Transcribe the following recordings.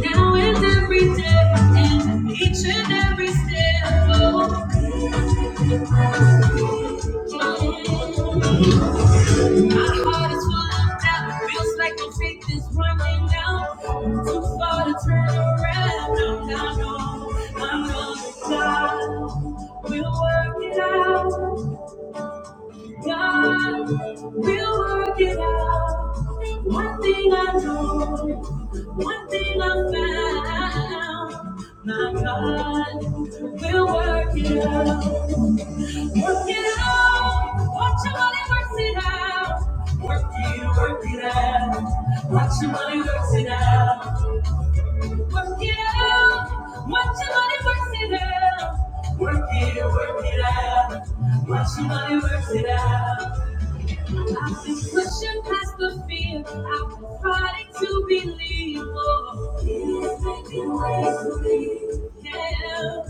Now and every day, and each and every step. Oh, mm. my heart is full of doubt. Feels like the faith is running out. I'm too far to turn around. No, no, no. I know that God will work it out. God will work it out. One thing I know, one thing I found. My God will work it out. Work it out. Watch your money works it out. Work it, work it out. Watch your money works it out. Work it out. Watch your money works it out. Work it, work it out. Watch your money works it out. I've been pushing past the fear. I've been fighting to believe. Oh, he is making ways for me. Yeah.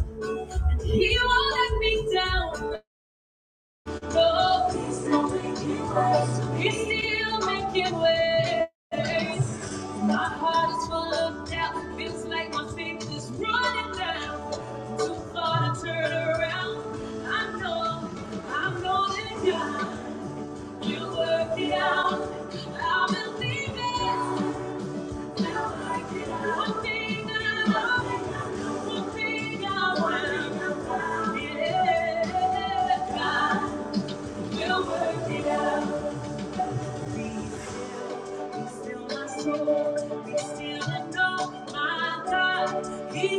And he won't let me down. Oh, he's still making ways. for me. He's still making ways. My heart is full of doubt. Feels like my faith is running out. Too far to turn around. I know, I know that God. You work it out. I believe it. Now work it out. One thing I know. One Yeah. God will work it out. He's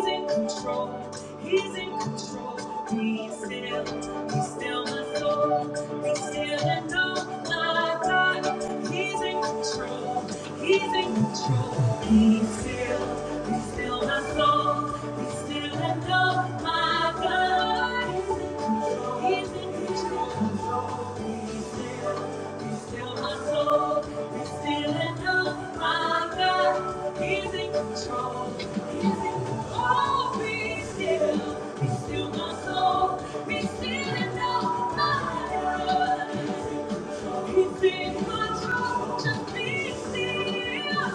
in control. He's in control. Be still. Be still, my soul. Be still and know my God. He's in control. He's in control. Be still. Be still, my soul. Be Still my soul, be still and know my God. He's in control, just be still.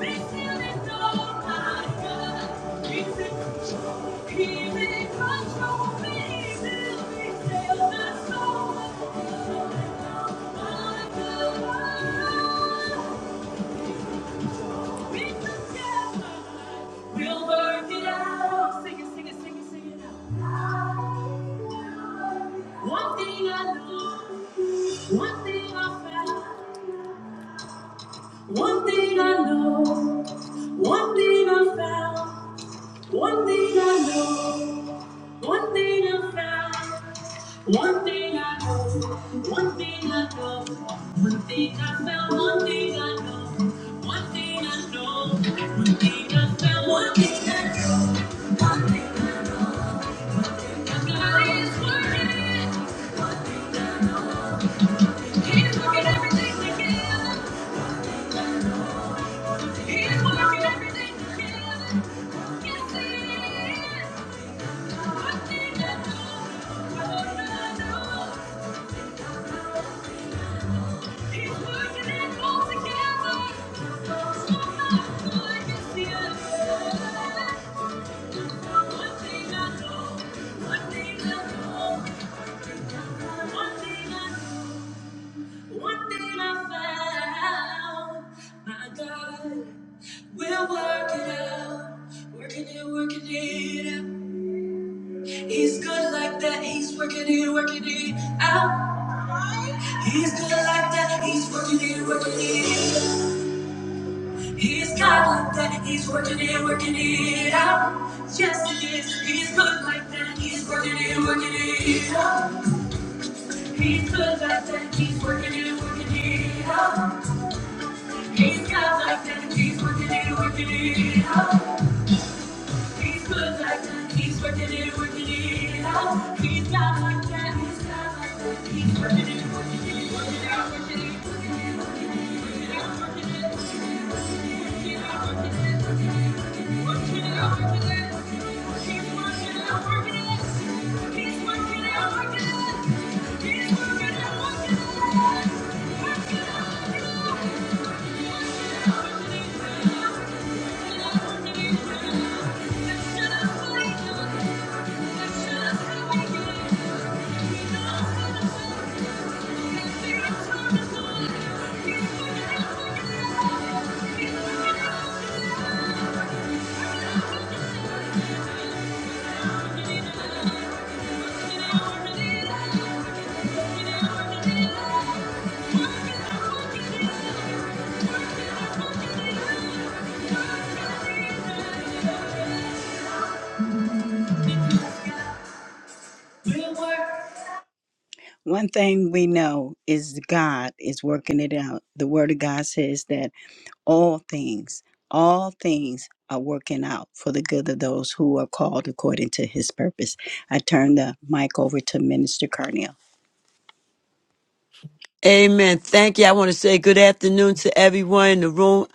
Be still and know my God. He's in control. He's in control. Be still, be still, my soul. Know my God. Be still, We'll work it out. Sing it, sing it, sing it, sing it out. One thing I know, one thing I found. One thing I know, one thing I found. One thing I know, one thing I found. One thing I know, one thing I know. One thing I found, one thing I know. One thing I know, one thing I found. One thing I know, one thing One thing I know. one thing I know, one thing I know. One thing I found, my God, will work it out. Working it, working it out. He's good like that. He's working it, working it out. He's good like that. He's working it, working it out. He's God like that. He's working it, working it out. Yes, he is. He's good like that. He's working it, working it out. He's good like that. He's working it, working it out. He's got like that, he's working it, working it out. He's good like that, he's working it, working it out. He's got like that, he's got like that, he's working it, working it, working it out, working it, working it, working it out, working it, working it out, working it, working it out, working it. He's working it out, working it. He's working it out, working it. He's working it out, working it. Working it, working it. Let's get up, One thing we know is God is working it out. The Word of God says that all things, all things are working out for the good of those who are called according to his purpose. I turn the mic over to Minister Carnell. Amen. Thank you. I want to say good afternoon to everyone in the room.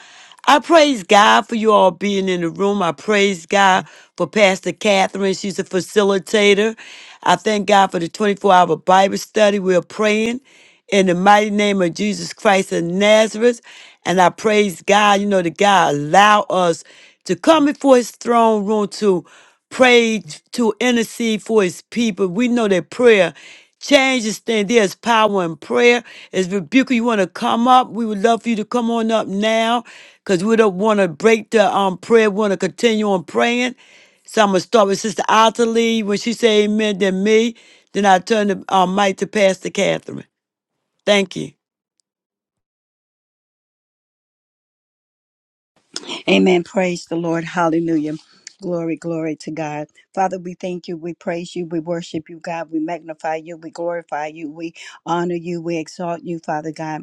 I praise God for you all being in the room. I praise God for Pastor Catherine. She's a facilitator. I thank God for the 24 hour Bible study. We're praying in the mighty name of Jesus Christ of Nazareth. And I praise God, you know, that God allow us to come before his throne room to pray, to intercede for his people. We know that prayer change this thing. There's power in prayer. Is Rebuka, you want to come up? We would love for you to come on up now because we don't want to break the um prayer. We want to continue on praying. So I'm going to start with Sister Ottilie. When she say amen, then me. Then I turn the um, mic to Pastor Catherine. Thank you. Amen. Praise the Lord. Hallelujah. Glory, glory to God. Father, we thank you. We praise you. We worship you, God. We magnify you. We glorify you. We honor you. We exalt you, Father God.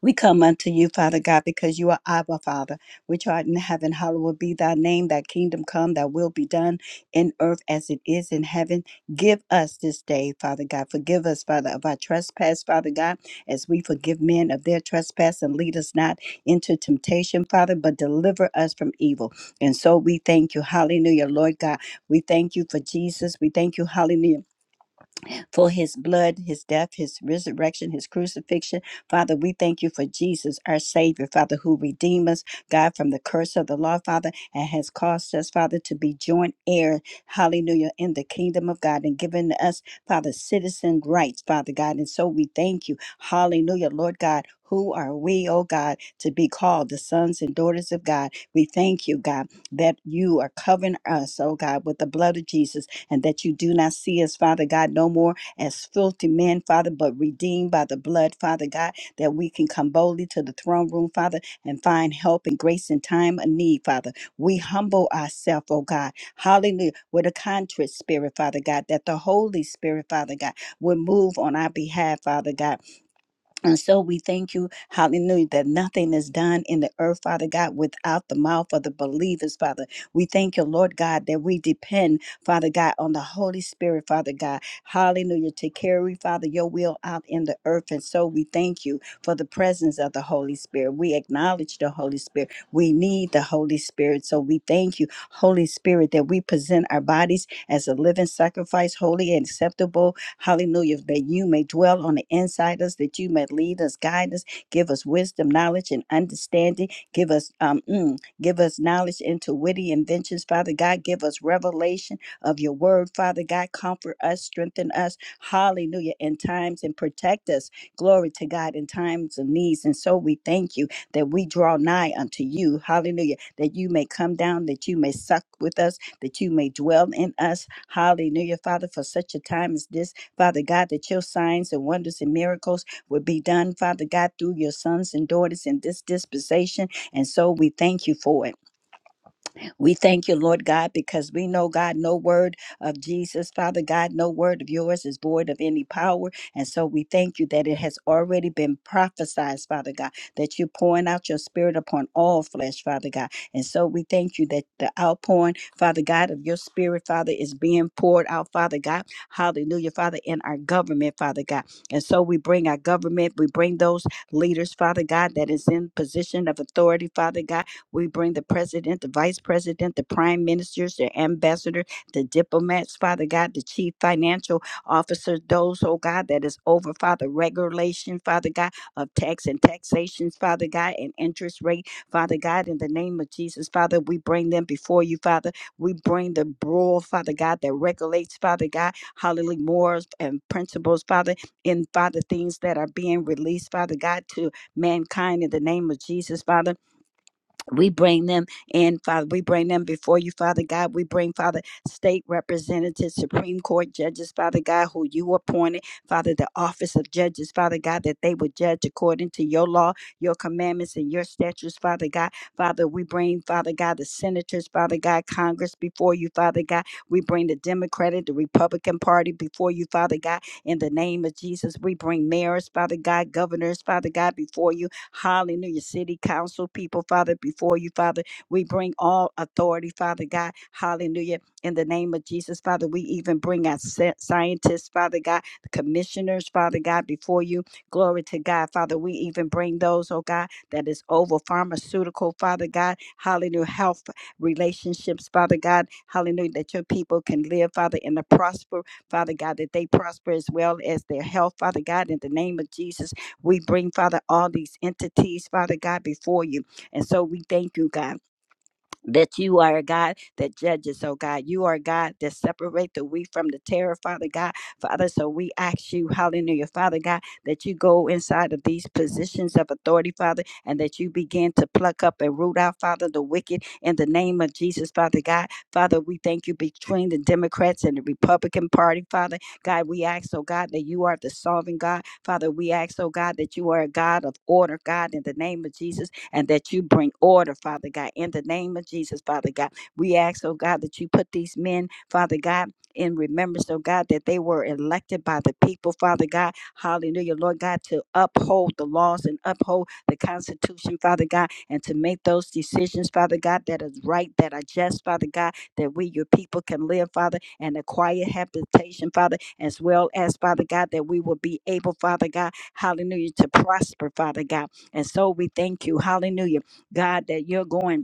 We come unto you, Father God, because you are Abba, Father, which art in heaven. Hallowed be thy name, thy kingdom come, thy will be done in earth as it is in heaven. Give us this day, Father God. Forgive us, Father, of our trespass, Father God, as we forgive men of their trespass and lead us not into temptation, Father, but deliver us from evil. And so we thank you. Hallelujah, Lord God. We thank you for Jesus. We thank you, hallelujah for his blood, his death, his resurrection, his crucifixion. Father, we thank you for Jesus, our Savior, Father, who redeemed us, God, from the curse of the law, Father, and has caused us, Father, to be joint heir, hallelujah, in the kingdom of God and given us, Father, citizen rights, Father God. And so we thank you, hallelujah, Lord God. Who are we, oh God, to be called the sons and daughters of God? We thank you, God, that you are covering us, oh God, with the blood of Jesus and that you do not see us, Father God, no more as filthy men, Father, but redeemed by the blood, Father God, that we can come boldly to the throne room, Father, and find help and grace in time of need, Father. We humble ourselves, oh God. Hallelujah. With a contrite spirit, Father God, that the Holy Spirit, Father God, would move on our behalf, Father God and so we thank you, hallelujah, that nothing is done in the earth, Father God, without the mouth of the believers, Father. We thank you, Lord God, that we depend, Father God, on the Holy Spirit, Father God, hallelujah, to carry, Father, your will out in the earth. And so we thank you for the presence of the Holy Spirit. We acknowledge the Holy Spirit. We need the Holy Spirit. So we thank you, Holy Spirit, that we present our bodies as a living sacrifice, holy and acceptable Hallelujah. That you may dwell on the inside us, that you may lead us, guide us, give us wisdom, knowledge, and understanding. Give us um mm, give us knowledge into witty inventions, Father God. Give us revelation of your word, Father God. Comfort us, strengthen us, hallelujah, in times and protect us. Glory to God in times of needs. And so we thank you that we draw nigh unto you, hallelujah, that you may come down, that you may suck with us, that you may dwell in us, hallelujah, Father, for such a time as this Father God, that your signs and wonders and miracles would be done, Father God, through your sons and daughters in this dispensation. And so we thank you for it. We thank you, Lord God, because we know, God, no word of Jesus, Father God, no word of yours is void of any power. And so we thank you that it has already been prophesied, Father God, that you're pouring out your spirit upon all flesh, Father God. And so we thank you that the outpouring, Father God, of your spirit, Father, is being poured out, Father God. Hallelujah, Father, in our government, Father God. And so we bring our government, we bring those leaders, Father God, that is in position of authority, Father God we bring the president, the vice president, the prime ministers, the ambassador, the diplomats, Father God, the chief financial officer, those, oh God, that is over, Father, regulation, Father God, of tax and taxations, Father God, and interest rate, Father God, in the name of Jesus, Father, we bring them before you, Father. We bring the rule, Father God, that regulates, Father God, hallelujah, morals and principles, Father, in Father, things that are being released, Father God, to mankind in the name of Jesus, Father. We bring them in, Father. We bring them before you, Father God. We bring, Father, state representatives, Supreme Court judges, Father God, who you appointed, Father, the office of judges, Father God, that they would judge according to your law, your commandments, and your statutes, Father God. Father, we bring, Father God, the senators, Father God, Congress before you, Father God. We bring the Democratic, the Republican Party before you, Father God. In the name of Jesus, we bring mayors, Father God, governors, Father God, before you. Hallelujah. City council people, Father, before you, Father, we bring all authority, Father God. Hallelujah. In the name of Jesus, Father, we even bring our sci- scientists, Father God, the commissioners, Father God, before you. Glory to God, Father. We even bring those, oh God, that is over pharmaceutical, Father God. Hallelujah. Health relationships, Father God. Hallelujah. That your people can live, Father, in the prosper, Father God, that they prosper as well as their health, Father God, in the name of Jesus. We bring, Father, all these entities, Father God, before you. And so we thank you, God that you are a God that judges, oh God. You are a God that separate the wheat from the terror, Father God. Father, so we ask you, hallelujah, Father God, that you go inside of these positions of authority, Father, and that you begin to pluck up and root out, Father, the wicked in the name of Jesus, Father God. Father, we thank you between the Democrats and the Republican Party, Father. God, we ask, oh God, that you are the solving God. Father, we ask, oh God, that you are a God of order, God, in the name of Jesus and that you bring order, Father God, in the name of Jesus, Father God. We ask, oh God, that you put these men, Father God, in remembrance, oh God, that they were elected by the people, Father God. Hallelujah, Lord God, to uphold the laws and uphold the Constitution, Father God, and to make those decisions, Father God, that is right, that are just, Father God, that we, your people, can live, Father, and acquire habitation, Father, as well as, Father God, that we will be able, Father God, hallelujah, to prosper, Father God and so we thank you, hallelujah, God, that you're going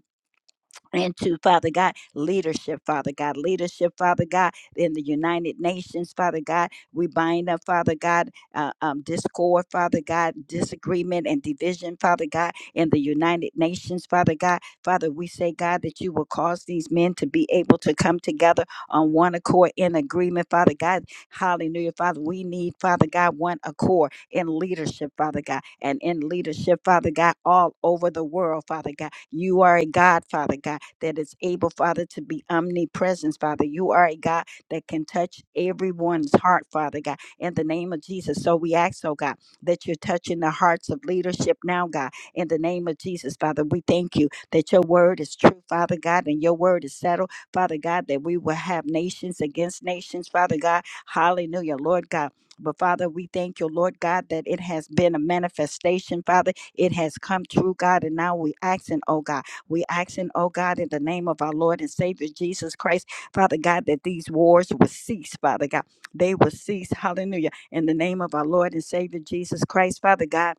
into Father God leadership, Father God leadership, Father God in the United Nations, Father God. We bind up, Father God, uh, um, discord, Father God, disagreement and division, Father God, in the United Nations, Father God. Father, we say, God, that you will cause these men to be able to come together on one accord in agreement, Father God. Hallelujah, Father. We need, Father God, one accord in leadership, Father God, and in leadership, Father God, all over the world, Father God. You are a God, Father God that is able, Father, to be omnipresent, Father. You are a God that can touch everyone's heart, Father God, in the name of Jesus. So we ask, oh God, that you're touching the hearts of leadership now, God, in the name of Jesus, Father. We thank you that your word is true, Father God, and your word is settled, Father God, that we will have nations against nations, Father God. Hallelujah, Lord God. But Father, we thank you, Lord God, that it has been a manifestation, Father. It has come true, God, and now we asking, oh God. We asking, oh God, in the name of our Lord and Savior Jesus Christ, Father God, that these wars will cease, Father God. They will cease. Hallelujah. In the name of our Lord and Savior Jesus Christ, Father God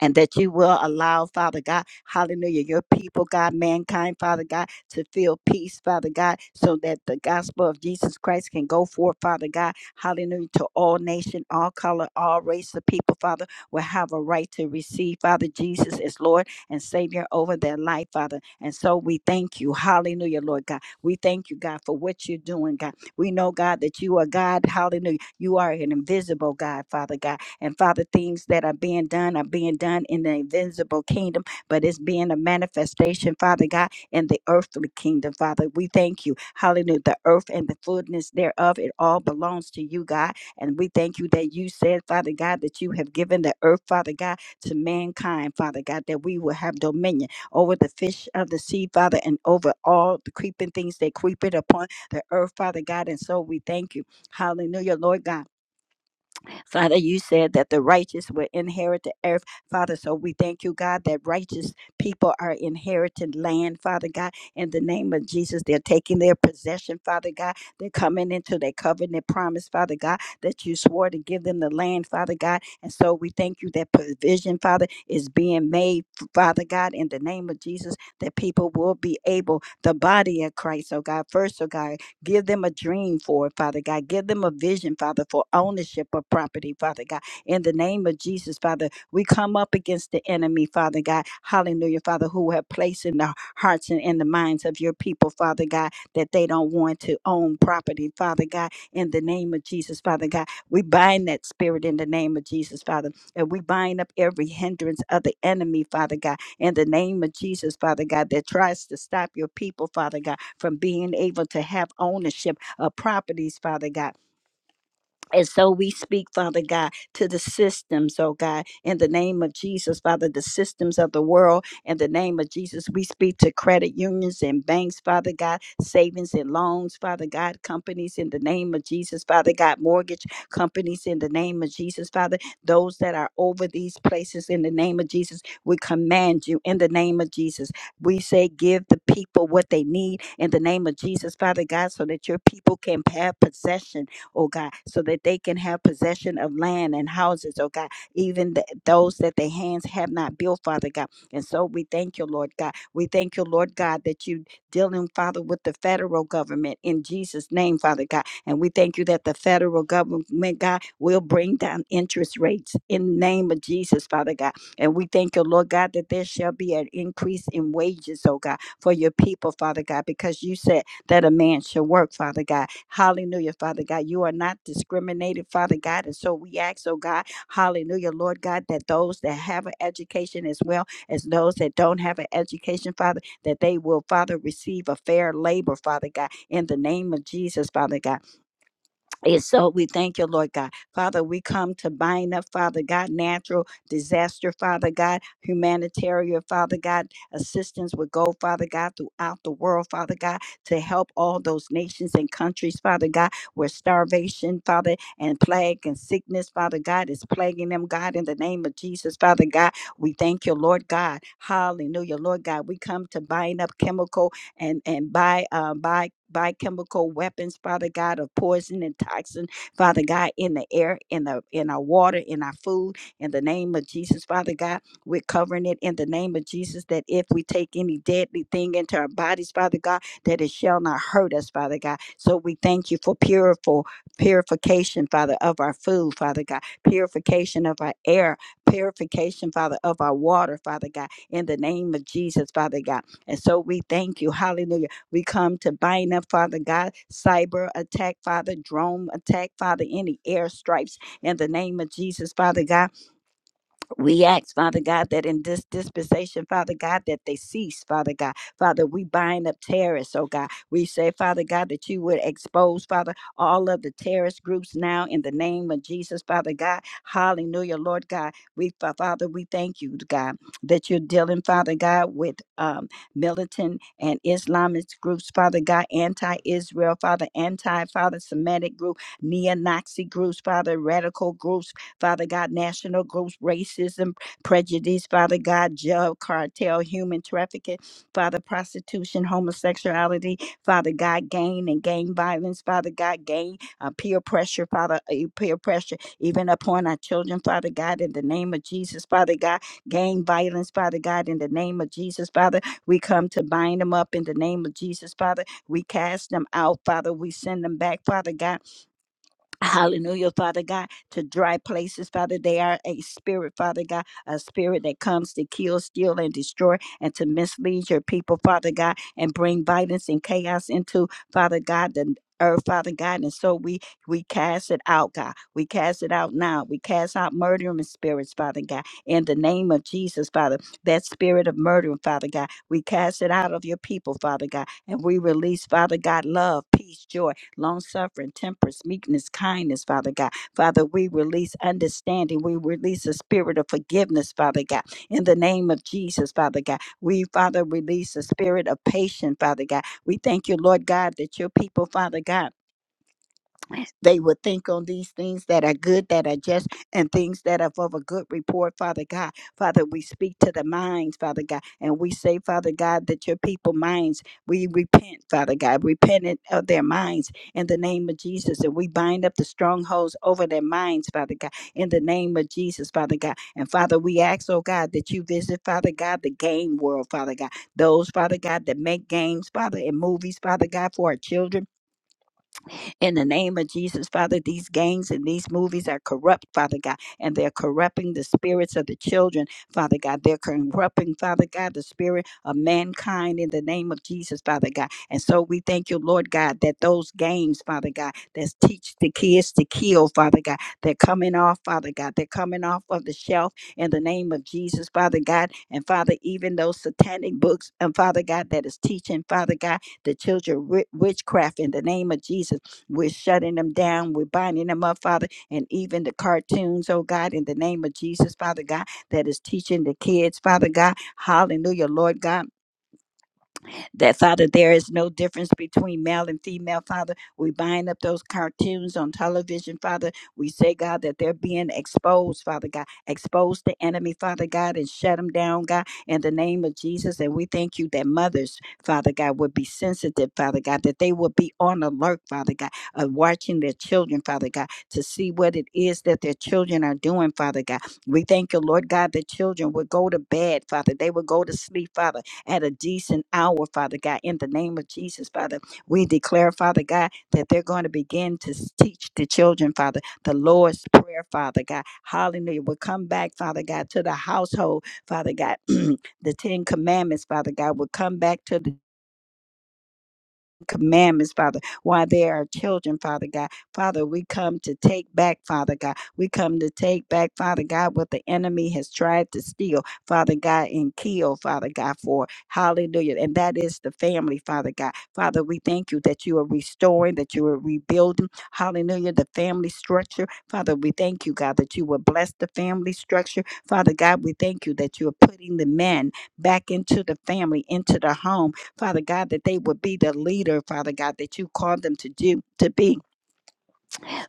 and that you will allow, Father God, hallelujah, your people, God, mankind, Father God, to feel peace, Father God, so that the gospel of Jesus Christ can go forth, Father God, hallelujah, to all nation, all color, all race of people, Father, will have a right to receive, Father Jesus as Lord and Savior over their life, Father. And so we thank you, hallelujah, Lord God. We thank you, God, for what you're doing, God. We know, God, that you are God, hallelujah. You are an invisible God, Father God and Father, things that are being done are being done in the invisible kingdom, but it's being a manifestation, Father God, in the earthly kingdom, Father. We thank you. Hallelujah. The earth and the fullness thereof, it all belongs to you, God. And we thank you that you said, Father God, that you have given the earth, Father God, to mankind, Father God, that we will have dominion over the fish of the sea, Father, and over all the creeping things that creep it upon the earth, Father God. And so we thank you. Hallelujah, Lord God. Father, you said that the righteous will inherit the earth, Father. So we thank you, God, that righteous people are inheriting land, Father God. In the name of Jesus, they're taking their possession, Father God. They're coming into their covenant promise, Father God, that you swore to give them the land, Father God. And so we thank you that provision, Father, is being made, Father God, in the name of Jesus, that people will be able, the body of Christ, oh God, first, oh God. Give them a dream for it, Father God. Give them a vision, Father, for ownership of property, Father God. In the name of Jesus, Father, we come up against the enemy, Father God. Hallelujah, Father, who have placed in the hearts and in the minds of your people, Father God, that they don't want to own property, Father God. In the name of Jesus, Father God, we bind that spirit in the name of Jesus, Father, and we bind up every hindrance of the enemy, Father God in the name of Jesus, Father God, that tries to stop your people, Father God, from being able to have ownership of properties, Father God. And so we speak, Father God, to the systems, oh God, in the name of Jesus, Father, the systems of the world, in the name of Jesus, we speak to credit unions and banks, Father God, savings and loans, Father God, companies in the name of Jesus, Father God, mortgage companies in the name of Jesus, Father, those that are over these places in the name of Jesus, we command you in the name of Jesus. We say, give the people what they need in the name of Jesus, Father God, so that your people can have possession oh God, so that they can have possession of land and houses, oh God, even th- those that their hands have not built, Father God. And so we thank you, Lord God. We thank you, Lord God, that you dealing, Father, with the federal government in Jesus' name, Father God. And we thank you that the federal government, God, will bring down interest rates in the name of Jesus, Father God. And we thank you, Lord God, that there shall be an increase in wages, oh God, for your people, Father God, because you said that a man should work, Father God. Hallelujah, Father God. You are not discriminated, Father God. And so we ask, oh God, hallelujah, Lord God, that those that have an education as well as those that don't have an education, Father, that they will, Father, receive a fair labor, Father God, in the name of Jesus, Father God. And so we thank you, Lord God. Father, we come to bind up, Father God, natural disaster, Father God, humanitarian, Father God, assistance would go, Father God, throughout the world, Father God, to help all those nations and countries, Father God, where starvation, Father, and plague and sickness, Father God, is plaguing them, God, in the name of Jesus, Father God. We thank you, Lord God. Hallelujah, Lord God. We come to bind up chemical and and by uh, by biochemical weapons, Father God, of poison and toxin, Father God, in the air, in the in our water, in our food, in the name of Jesus, Father God, we're covering it in the name of Jesus. That if we take any deadly thing into our bodies, Father God, that it shall not hurt us, Father God. So we thank you for puriful purification, Father, of our food, Father God, purification of our air, purification, Father, of our water, Father God, in the name of Jesus, Father God. And so we thank you. Hallelujah. We come to bind up, Father God, cyber attack, Father, drone attack, Father, any airstrikes in the name of Jesus, Father God. We ask, Father God, that in this dispensation, Father God, that they cease, Father God. Father, we bind up terrorists, oh God. We say, Father God, that you would expose, Father, all of the terrorist groups now in the name of Jesus, Father God. Hallelujah, Lord God. We, Fa- Father, we thank you, God, that you're dealing, Father God, with um, militant and Islamist groups, Father God, anti Israel, Father, anti Father Semitic group, neo Nazi groups, Father, radical groups, Father God, national group racism, prejudice, Father God, drug cartel, human trafficking, Father prostitution, homosexuality, Father God, gang and gang violence, Father God, gang uh, peer pressure, Father, uh, peer pressure, even upon our children, Father God, in the name of Jesus, Father God, gang violence, Father God, in the name of Jesus, Father, we come to bind them up in the name of Jesus, Father, we cast them out, Father, we send them back, Father God Hallelujah, Father God, to dry places, Father. They are a spirit, Father God, a spirit that comes to kill, steal, and destroy, and to mislead your people, Father God, and bring violence and chaos into, Father God, the earth, Father God. And so we we cast it out, God. We cast it out now. We cast out murdering spirits, Father God, in the name of Jesus, Father. That spirit of murdering, Father God, we cast it out of your people, Father God, and we release, Father God, love, peace, joy long suffering, temperance, meekness, kindness, Father God. Father, we release understanding. We release a spirit of forgiveness, Father God. In the name of Jesus, Father God. We, Father, release a spirit of patience, Father God. We thank you, Lord God, that your people, Father God, they would think on these things that are good, that are just, and things that are of a good report, Father God. Father, we speak to the minds, Father God, and we say, Father God, that your people minds, we repent, Father God, repentant of their minds in the name of Jesus, and we bind up the strongholds over their minds, Father God, in the name of Jesus, Father God. And Father, we ask, oh God, that you visit, Father God, the game world, Father God, those, Father God, that make games, Father, and movies, Father God, for our children. In the name of Jesus, Father, these gangs and these movies are corrupt, Father God, and they're corrupting the spirits of the children, Father God. They're corrupting, Father God, the spirit of mankind in the name of Jesus, Father God. And so we thank you, Lord God, that those gangs, Father God, that teach the kids to kill, Father God, they're coming off, Father God. They're coming off of the shelf in the name of Jesus, Father God. And Father, even those satanic books, and Father God, that is teaching, Father God, the children wi- witchcraft in the name of Jesus. We're shutting them down. We're binding them up, Father. And even the cartoons, oh God, in the name of Jesus, Father God, that is teaching the kids, Father God. Hallelujah, Lord God that Father, there is no difference between male and female, Father. We bind up those cartoons on television, Father. We say, God, that they're being exposed, Father God. Expose the enemy, Father God, and shut them down, God, in the name of Jesus. And we thank you that mothers, Father God, would be sensitive, Father God, that they would be on alert, Father God, of watching their children, Father God, to see what it is that their children are doing, Father God. We thank you, Lord God, that children would go to bed, Father. They would go to sleep, Father at a decent hour, Father God. In the name of Jesus, Father, we declare, Father God, that they're going to begin to s- teach the children, Father, the Lord's Prayer, Father God. Hallelujah. We'll come back, Father God, to the household, Father God. the Ten Commandments, Father God, will come back to the commandments, Father, while they are children, Father God. Father, we come to take back, Father God. We come to take back, Father God, what the enemy has tried to steal, Father God, and kill, Father God, for hallelujah. And that is the family, Father God. Father, we thank you that you are restoring, that you are rebuilding, hallelujah, the family structure. Father, we thank you, God, that you will bless the family structure. Father God, we thank you that you are putting the men back into the family, into the home, Father God, that they would be the leader, Father God, that you called them to do to be.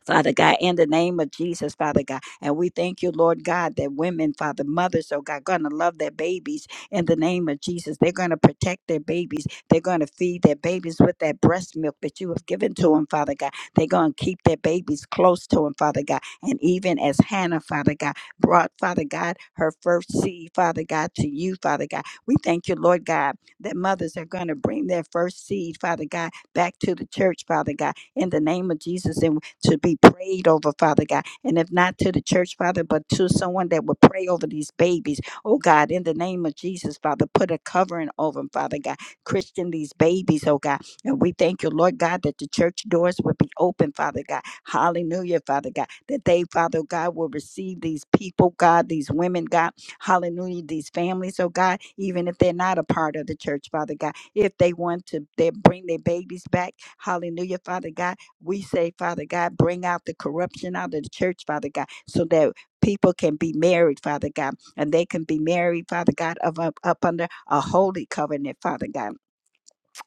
Father God, in the name of Jesus, Father God. And we thank you, Lord God, that women, Father, mothers, oh God, gonna love their babies in the name of Jesus. They're gonna protect their babies. They're gonna feed their babies with that breast milk that you have given to them, Father God. They're gonna keep their babies close to them, Father God. And even as Hannah, Father God, brought, Father God, her first seed, Father God, to you, Father God. We thank you, Lord God, that mothers are gonna bring their first seed, Father God, back to the church, Father God in the name of Jesus and to be prayed over, Father God. And if not to the church, Father, but to someone that would pray over these babies, oh God, in the name of Jesus, Father, put a covering over them, Father God. Christian these babies, oh God. And we thank you, Lord God, that the church doors would be open, Father God. Hallelujah, Father God. That they, Father God, will receive these people, God, these women, God. Hallelujah, these families, oh God, even if they're not a part of the church, Father God. If they want to they bring their babies back, hallelujah, Father God. We say, Father God, bring out the corruption out of the church, Father God, so that people can be married, Father God, and they can be married, Father God, of, up, up under a holy covenant, Father God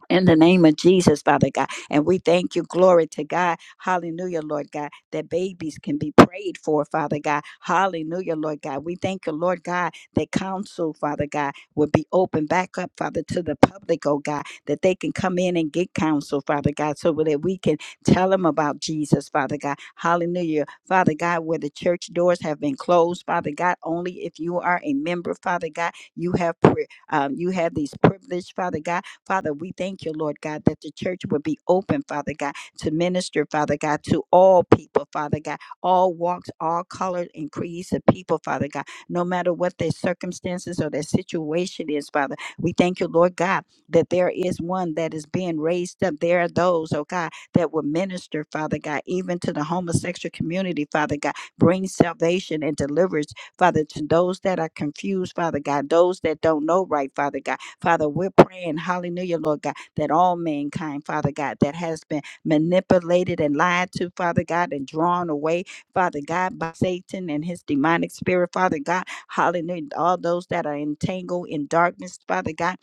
in the name of Jesus, Father God. And we thank you, glory to God. Hallelujah, Lord God, that babies can be prayed for, Father God. Hallelujah, Lord God. We thank you, Lord God, that counsel, Father God, will be opened back up, Father, to the public, oh God, that they can come in and get counsel, Father God, so that we can tell them about Jesus, Father God. Hallelujah, Father God, where the church doors have been closed, Father God, only if you are a member, Father God, you have pri- um, you have these privileged, Father God Father, we thank you, Lord God, that the church would be open, Father God, to minister, Father God, to all people, Father God, all walks, all colors and creeds of people, Father God, no matter what their circumstances or their situation is, Father. We thank you, Lord God, that there is one that is being raised up. There are those, oh God, that will minister, Father God, even to the homosexual community, Father God, bring salvation and deliverance, Father, to those that are confused, Father God, those that don't know right, Father God Father, we're praying, hallelujah, Lord God, that all mankind, Father God, that has been manipulated and lied to, Father God, and drawn away, Father God, by Satan and his demonic spirit, Father God, hallelujah, all those that are entangled in darkness, Father God.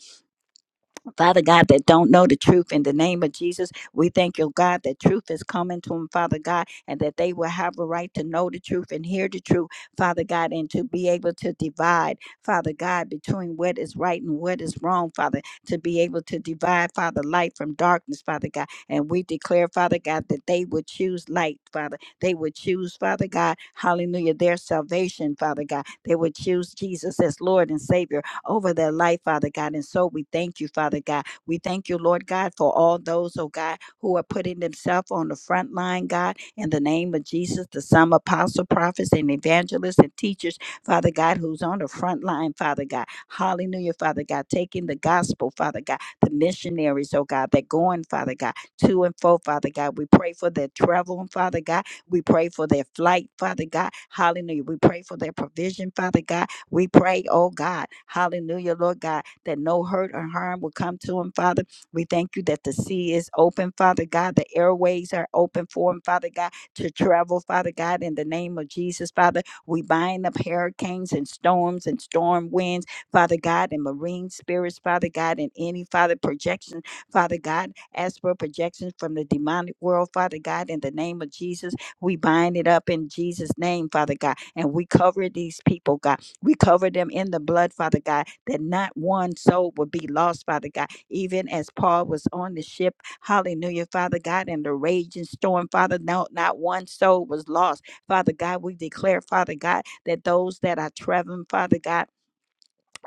Father God, that don't know the truth in the name of Jesus, we thank you, God, that truth is coming to them, Father God, and that they will have a right to know the truth and hear the truth, Father God, and to be able to divide, Father God, between what is right and what is wrong, Father, to be able to divide, Father, light from darkness, Father God. And we declare, Father God, that they would choose light, Father. They would choose, Father God, hallelujah, their salvation, Father God. They would choose Jesus as Lord and Savior over their life, Father God. And so we thank you, Father God. We thank you, Lord God, for all those, oh God, who are putting themselves on the front line, God, in the name of Jesus, the some apostle, prophets, and evangelists and teachers, Father God, who's on the front line, Father God. Hallelujah, Father God, taking the gospel, Father God, the missionaries, oh God, that going, Father God, to and fro, Father God. We pray for their travel, Father God. We pray for their flight, Father God. Hallelujah. We pray for their provision, Father God. We pray, oh God, hallelujah, Lord God, that no hurt or harm will come to him, Father. We thank you that the sea is open, Father God. The airways are open for him, Father God, to travel, Father God, in the name of Jesus, Father. We bind up hurricanes and storms and storm winds, Father God, and marine spirits, Father God, and any, Father, projection, Father God, as for projections from the demonic world, Father God, in the name of Jesus. We bind it up in Jesus' name, Father God, and we cover these people, God. We cover them in the blood, Father God, that not one soul will be lost, Father God. Even as Paul was on the ship, hallelujah, Father God, in the raging storm, Father, no, not one soul was lost. Father God, we declare, Father God, that those that are traveling, Father God,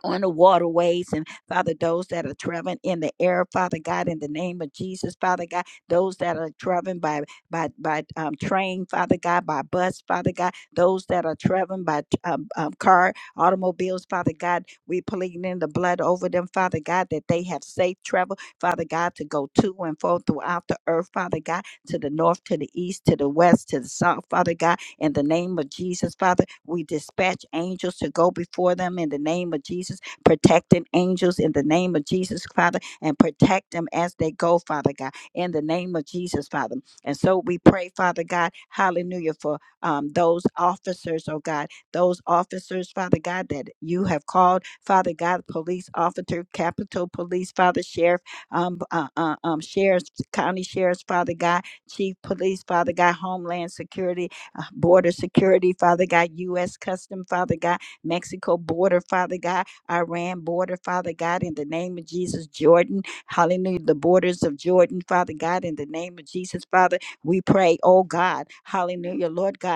on the waterways and Father, those that are traveling in the air, Father God, in the name of Jesus, Father God, those that are traveling by by by um, train, Father God, by bus, Father God, those that are traveling by um, um, car, automobiles, Father God, we pleading in the blood over them, Father God, that they have safe travel, Father God, to go to and fro throughout the earth, Father God, to the north, to the east, to the west, to the south, Father God, in the name of Jesus, Father, we dispatch angels to go before them in the name of Jesus, protecting angels in the name of Jesus, Father, and protect them as they go, Father God, in the name of Jesus, Father. And so we pray, Father God, hallelujah, for um, those officers, oh God, those officers, Father God, that you have called, Father God, police officer, Capitol Police, Father Sheriff, um, uh, uh, um, sheriffs, county sheriffs, Father God, Chief Police, Father God, Homeland Security, uh, border security, Father God, U.S. Custom, Father God, Mexico border, Father God, Iran border, Father God, in the name of Jesus, Jordan, hallelujah, the borders of Jordan, Father God, in the name of Jesus, Father, we pray, oh God, hallelujah, Lord God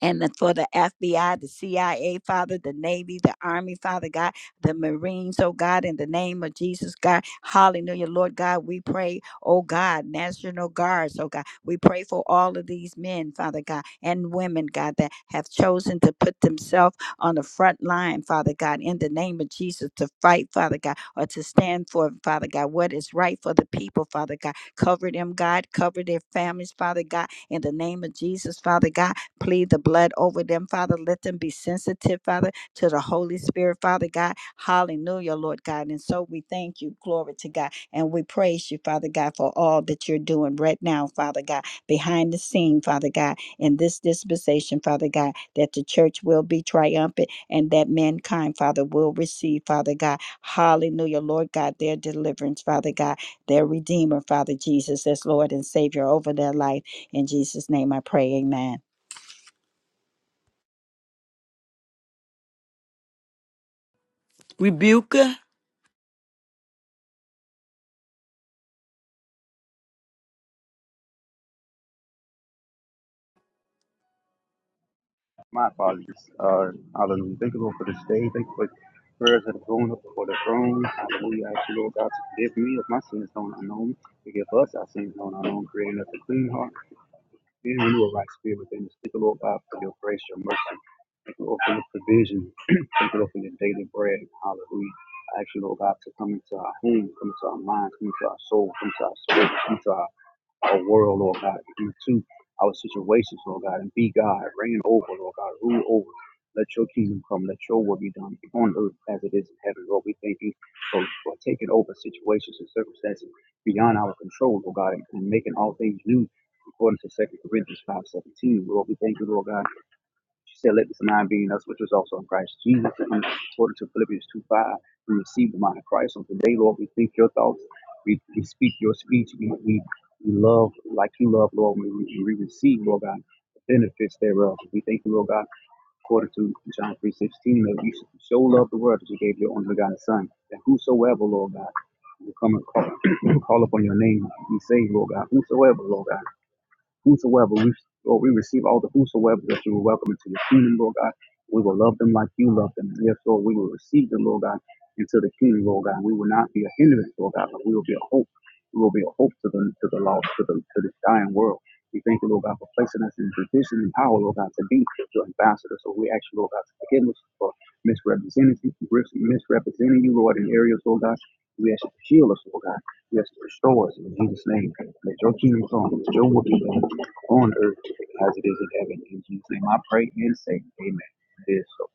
and then for the FBI, the CIA, Father, the Navy, the Army, Father God, the Marines, oh God, in the name of Jesus, God, hallelujah, Lord God, we pray, oh God, National Guards, oh God, we pray for all of these men, Father God, and women, God, that have chosen to put themselves on the front line, Father God, in the name of Jesus, to fight, Father God, or to stand for, Father God, what is right for the people, Father God. Cover them, God, cover their families, Father God, in the name of Jesus, Father God Plead the blood over them, Father. Let them be sensitive, Father, to the Holy Spirit, Father God. Hallelujah, Lord God. And so we thank you, glory to God. And we praise you, Father God, for all that you're doing right now, Father God, behind the scene, Father God, in this dispensation, Father God, that the church will be triumphant and that mankind, Father, will receive, Father God. Hallelujah, Lord God, their deliverance, Father God, their Redeemer, Father Jesus, as Lord and Savior over their life. In Jesus' name I pray, amen. Rebuka. My apologies. Uh, hallelujah. Thank you, Lord, for this day. Thank you for prayers that have gone up before the throne. Hallelujah. I ask you, Lord God, to forgive me of my sins known and unknown. Forgive us our sins known and unknown, creating us a clean heart and renew a right spirit within us. Thank you, Lord God, for your grace, your mercy. Thank you, Lord, for your provision. Thank you, Lord, for your daily bread. Hallelujah. I ask you, Lord God, to come into our home, come into our minds, come into our soul, come into our spirit, come into our our world, Lord God, and to our situations, Lord God, and be God, reign over, Lord God, rule over. Let your kingdom come, let your will be done on earth as it is in heaven, Lord. We thank you for, for taking over situations and circumstances beyond our control, Lord God, and, and making all things new according to Second Corinthians five seventeen. Lord, we thank you, Lord God she said, Let this mind be in us, which was also in Christ Jesus. And according to Philippians 2 5, we receive the mind of Christ. So today, Lord, we think your thoughts, we, we speak your speech, we, we, love like you love, Lord, and we, we receive, Lord God, the benefits thereof. We thank you, Lord God, according to John three sixteen, that you should so love the world that you gave your only begotten Son, that whosoever, Lord God, will come and call, will call upon your name, be saved, Lord God, whosoever, Lord God whosoever we Lord, we receive all the whosoever that you will welcome into the kingdom, Lord God. We will love them like you love them. Yes, Lord, we will receive them, Lord God, into the kingdom, Lord God. We will not be a hindrance, Lord God, but we will be a hope. We will be a hope to the to the lost, to the to this dying world. We thank you, Lord God, for placing us in position and power, Lord God, to be your ambassador. So we ask you, Lord God, to forgive us for misrepresenting misrepresenting you, Lord, in areas, Lord God. We ask you to shield us, Lord God. Yes, restore us in Jesus' name. Let your kingdom come, let your will be done on earth as it is in heaven. In Jesus' name I pray and say, Amen. It is so.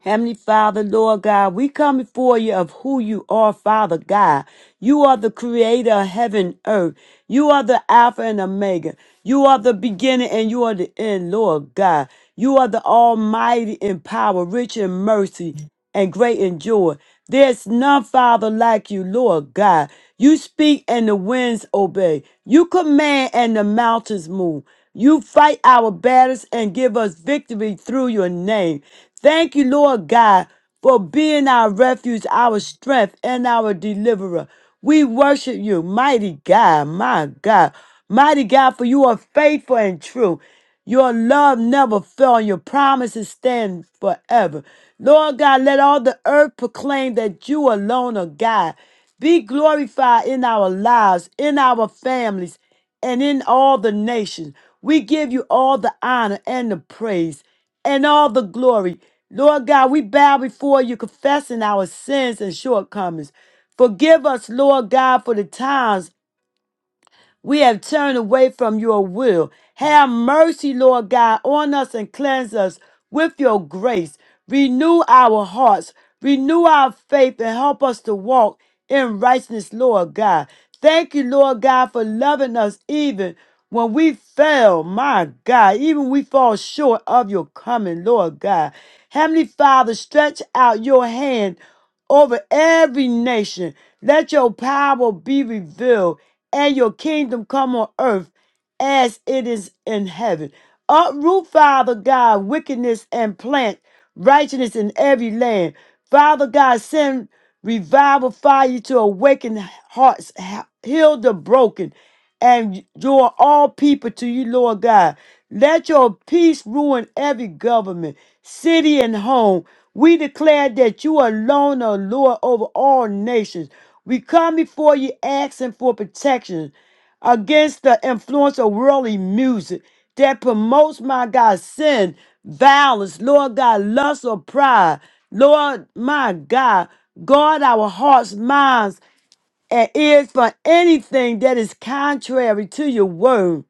Heavenly Father, Lord God, we come before you of who you are, Father God. You are the creator of heaven and earth. You are the Alpha and Omega. You are the beginning and you are the end, Lord God. You are the Almighty in power, rich in mercy, and great in joy. There's none, Father, like you, Lord God. You speak and the winds obey. You command and the mountains move. You fight our battles and give us victory through your name. Thank you, Lord God, for being our refuge, our strength, and our deliverer. We worship you, mighty God, my God. Mighty God, for you are faithful and true. Your love never fell, and your promises stand forever. Lord God, let all the earth proclaim that you alone are God. Be glorified in our lives, in our families, and in all the nations. We give you all the honor and the praise and all the glory. Lord God, we bow before you, confessing our sins and shortcomings. Forgive us, Lord God, for the times we have turned away from your will. Have mercy, Lord God, on us and cleanse us with your grace. Renew our hearts, renew our faith, and help us to walk in righteousness, Lord God. Thank you, Lord God, for loving us even when we fail, my God, even we fall short of your coming, Lord God. Heavenly Father, stretch out your hand over every nation. Let your power be revealed and your kingdom come on earth as it is in heaven. Uproot, Father God, wickedness and plant righteousness in every land. Father God, send revival fire to awaken hearts, he- heal the broken, and draw all people to you, Lord God. Let your peace ruin every government, city, and home. We declare that you alone are Lord over all nations. We come before you asking for protection against the influence of worldly music that promotes, my God, sin, violence, Lord God, lust or pride. Lord, my God, guard our hearts, minds, and ears for anything that is contrary to your word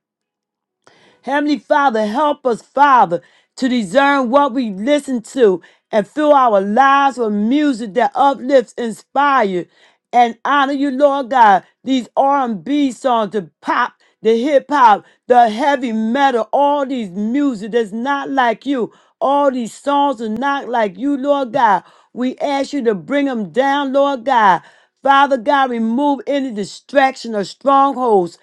Heavenly Father, help us, Father, to discern what we listen to and fill our lives with music that uplifts, inspires, and honor you, Lord God. These R&B songs, the pop, the hip hop, the heavy metal, all these music that's not like you. All these songs are not like you, Lord God. We ask you to bring them down, Lord God. Father God, remove any distraction or strongholds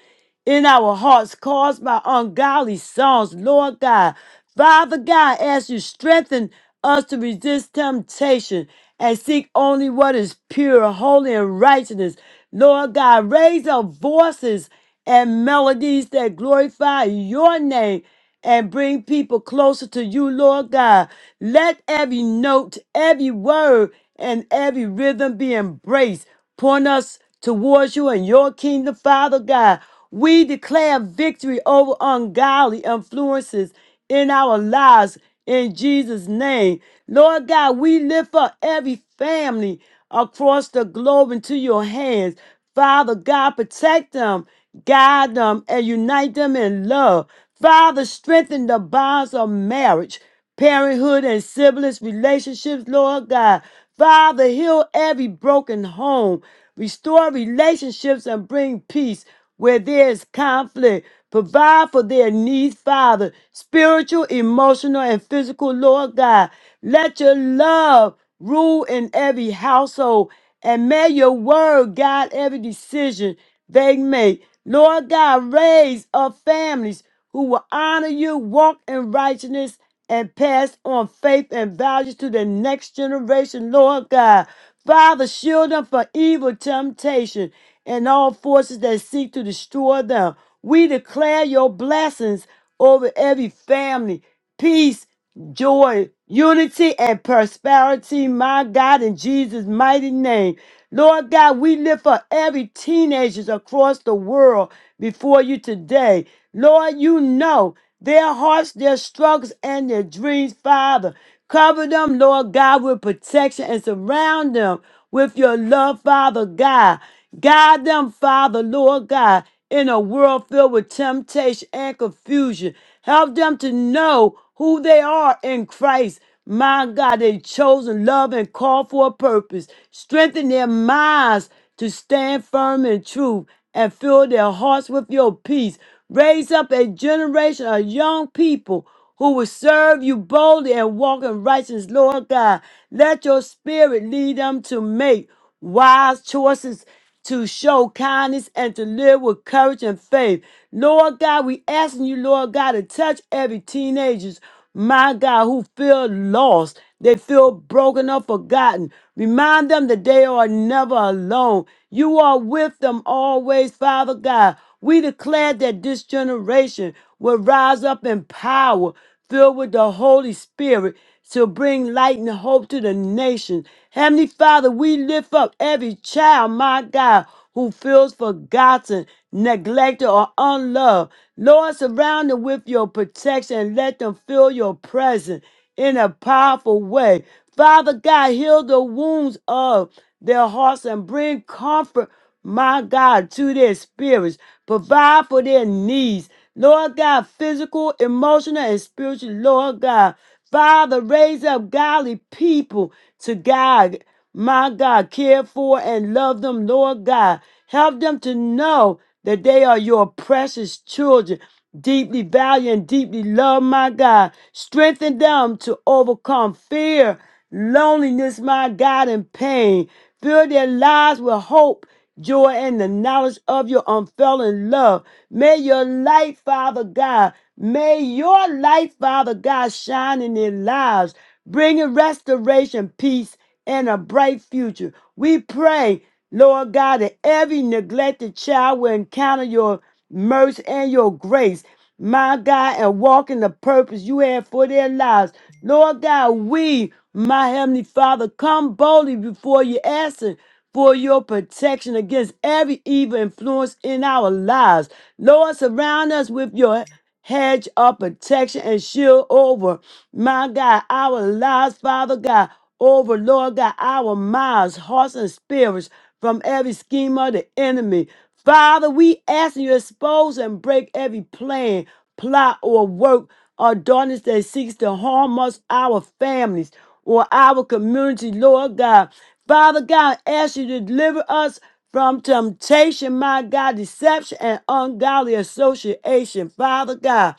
in our hearts caused by ungodly songs, Lord God. Father God, as you strengthen us to resist temptation and seek only what is pure, holy, and righteousness, Lord God, raise our voices and melodies that glorify your name and bring people closer to you, Lord God. Let every note, every word, and every rhythm be embraced. Point us towards you and your kingdom, Father God. We declare victory over ungodly influences in our lives in Jesus' name. Lord God, we lift up every family across the globe into your hands. Father God, protect them, guide them, and unite them in love. Father, strengthen the bonds of marriage parenthood and siblings relationships, Lord God. Father, heal every broken home, restore relationships, and bring peace where there is conflict. Provide for their needs, Father, spiritual, emotional, and physical, Lord God. Let your love rule in every household, and may your word guide every decision they make. Lord God, raise up families who will honor you, walk in righteousness, and pass on faith and values to the next generation, Lord God. Father, shield them from evil temptation and all forces that seek to destroy them. We declare your blessings over every family, peace, joy, unity, and prosperity, my God, in Jesus' mighty name. Lord God, we lift up every teenagers across the world before you today. Lord, you know their hearts, their struggles, and their dreams, Father. Cover them, Lord God, with protection and surround them with your love, Father God. Guide them, Father, Lord God, in a world filled with temptation and confusion. Help them to know who they are in Christ. My God, they chosen love and called for a purpose. Strengthen their minds to stand firm in truth and fill their hearts with your peace. Raise up a generation of young people who will serve you boldly and walk in righteousness, Lord God. Let your spirit lead them to make wise choices to show kindness and to live with courage and faith. Lord God, we asking you, Lord God, to touch every teenagers, my God, who feel lost. They feel broken or forgotten. Remind them that they are never alone. You are with them always, Father God. We declare that this generation will rise up in power, filled with the Holy Spirit shall bring light and hope to the nation. Heavenly Father, we lift up every child, my God, who feels forgotten, neglected, or unloved. Lord, surround them with your protection and let them feel your presence in a powerful way. Father God, heal the wounds of their hearts and bring comfort my God, to their spirits. Provide for their needs. Lord God, physical, emotional, and spiritual, Lord God. Father, raise up godly people to God, my God, care for and love them, Lord God. Help them to know that they are your precious children deeply value and deeply love, my God. Strengthen them to overcome fear, loneliness, my God, and pain. Fill their lives with hope, joy, and the knowledge of your unfailing love. May your light, Father God, may your light, Father God, shine in their lives, bringing restoration, peace, and a bright future. We pray, Lord God, that every neglected child will encounter your mercy, and your grace, my God, and walk in the purpose you have for their lives. Lord God, we, my Heavenly Father, come boldly before you, asking for your protection against every evil influence in our lives. Lord, surround us with your hedge of protection and shield over, my God, our lives, Father God, over, Lord God, our minds, hearts, and spirits from every scheme of the enemy. Father, we ask you to expose and break every plan, plot, or work or darkness that seeks to harm us, our families, or our community, Lord God. Father God, I ask you to deliver us from temptation, my God, deception, and ungodly association, Father God.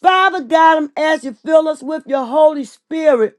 Father God, I'm asking you, fill us with your Holy Spirit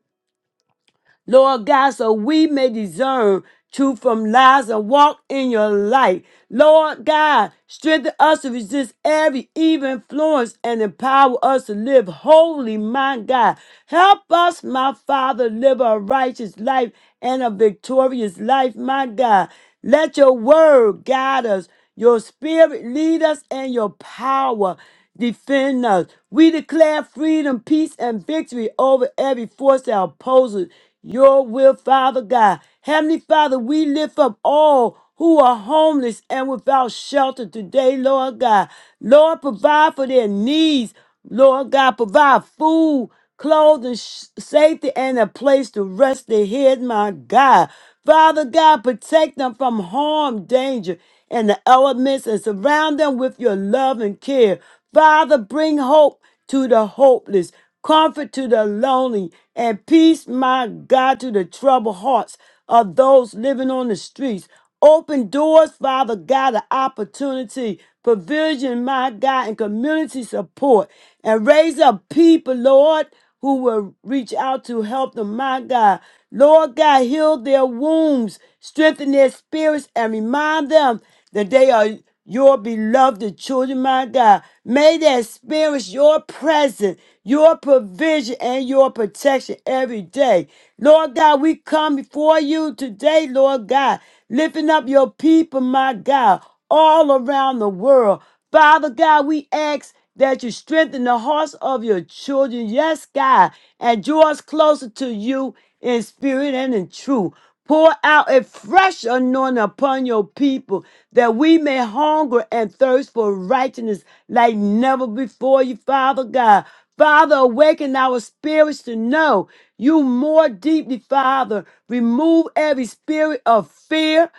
Lord God, so we may discern truth from lies and walk in your light. Lord God, strengthen us to resist every evil influence and empower us to live holy, my God. Help us, my Father, live a righteous life and a victorious life, my God. Let your word guide us. Your spirit lead us and your power defend us. We declare freedom, peace, and victory over every force that opposes your will, Father God. Heavenly Father, we lift up all who are homeless and without shelter today, Lord God. Lord, provide for their needs. Lord God, provide food clothed in sh- safety and a place to rest their head, my God. Father God, protect them from harm, danger, and the elements and surround them with your love and care. Father, bring hope to the hopeless, comfort to the lonely, and peace, my God, to the troubled hearts of those living on the streets. Open doors, Father God, of opportunity, provision, my God, and community support. And raise up people, Lord, who will reach out to help them, my God. Lord God, heal their wounds, strengthen their spirits, and remind them that they are your beloved children, my God. May they experience your presence, your provision, and your protection every day. Lord God, we come before you today, Lord God, lifting up your people, my God, all around the world. Father God, we ask that you strengthen the hearts of your children, yes, God, and draw us closer to you in spirit and in truth. Pour out a fresh anointing upon your people that we may hunger and thirst for righteousness like never before you, Father God. Father, awaken our spirits to know you more deeply, Father. Remove every spirit of fear,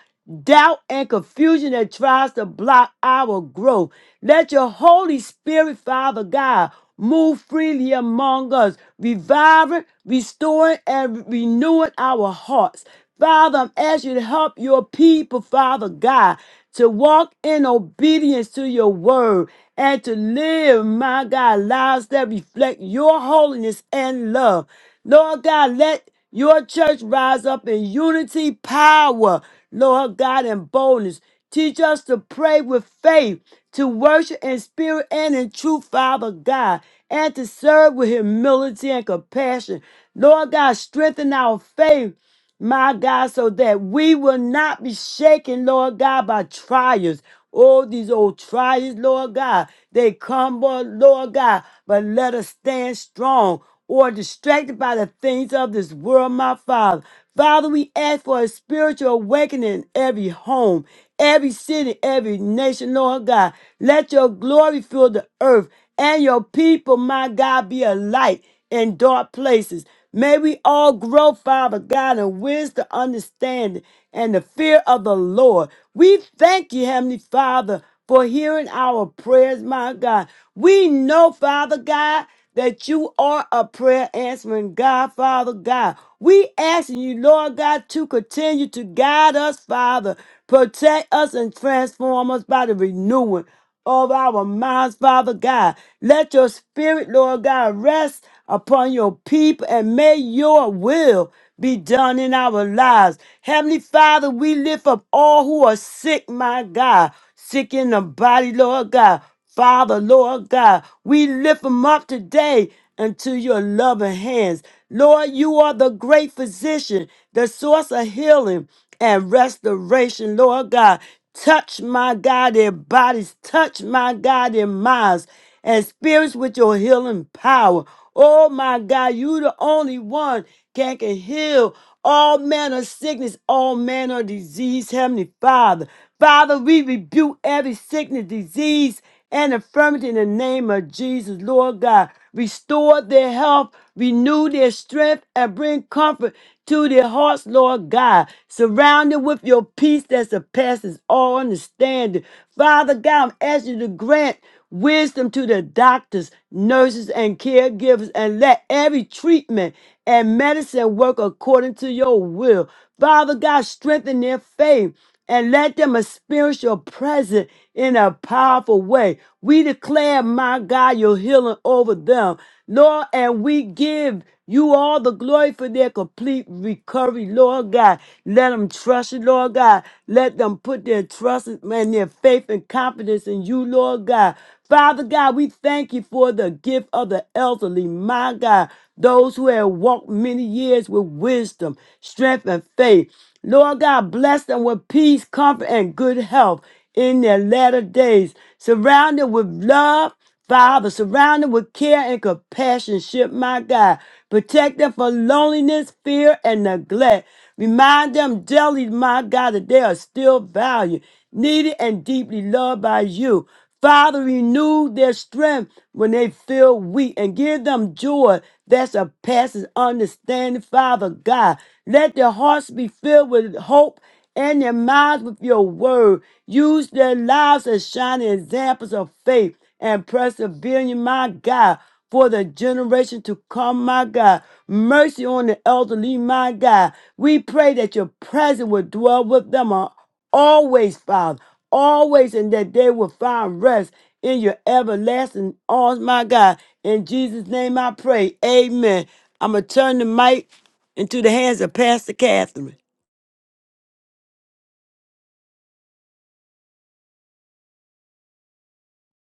doubt, and confusion that tries to block our growth. Let your Holy Spirit, Father God, move freely among us, reviving, restoring, and renewing our hearts. Father, I'm asking you to help your people, Father God, to walk in obedience to your word and to live, my God, lives that reflect your holiness and love. Lord God, let your church rise up in unity, power, Lord God, and boldness. Teach us to pray with faith, to worship in spirit and in truth, Father God, and to serve with humility and compassion. Lord God, strengthen our faith my God, so that we will not be shaken, Lord God, by trials. All these old trials, Lord God, they come, but Lord God, but let us stand strong or distracted by the things of this world, my Father. Father, we ask for a spiritual awakening in every home, every city, every nation, Lord God. Let your glory fill the earth and your people, my God, be a light in dark places. May we all grow, Father God, in wisdom, understanding, and the fear of the Lord. We thank you, Heavenly Father, for hearing our prayers, my God. We know, Father God, that you are a prayer answering God, Father God. We asking you, Lord God, to continue to guide us, Father, protect us and transform us by the renewing of our minds, Father God. Let your spirit, Lord God, rest upon your people and may your will be done in our lives. Heavenly Father, we lift up all who are sick, my God, sick in the body, Lord God. Father, Lord God, we lift them up today into your loving hands. Lord, you are the great physician, the source of healing and restoration, Lord God. Touch my God their bodies, touch my God their minds and spirits with your healing power. Oh my God, you the only one can, can heal all manner of sickness, all manner of disease, Heavenly Father. Father, we rebuke every sickness, disease, and infirmity in the name of Jesus, Lord God. Restore their health, renew their strength, and bring comfort to their hearts, Lord God. Surround them with your peace that surpasses all understanding. Father God, I'm asking you to grant wisdom to the doctors, nurses, and caregivers, and let every treatment and medicine work according to your will. Father God, strengthen their faith and let them experience your presence in a powerful way. We declare, my God, your healing over them, Lord, and we give you all the glory for their complete recovery, Lord God. Let them trust you, Lord God. Let them put their trust and their faith and confidence in you, Lord God. Father God, we thank you for the gift of the elderly, my God, those who have walked many years with wisdom, strength, and faith. Lord God, bless them with peace, comfort, and good health in their latter days. Surround them with love, Father. Surround them with care and compassion, ship my God. Protect them from loneliness, fear, and neglect. Remind them daily, my God, that they are still valued, needed, and deeply loved by you. Father, renew their strength when they feel weak and give them joy that surpasses understanding. Father God, let their hearts be filled with hope and their minds with your word. Use their lives as shining examples of faith and perseverance, my God, for the generation to come, my God. Mercy on the elderly, my God. We pray that your presence will dwell with them uh, always, Father, always, and that they will find rest in your everlasting arms, my God. In Jesus' name I pray. Amen. I'm going to turn the mic into the hands of Pastor Catherine.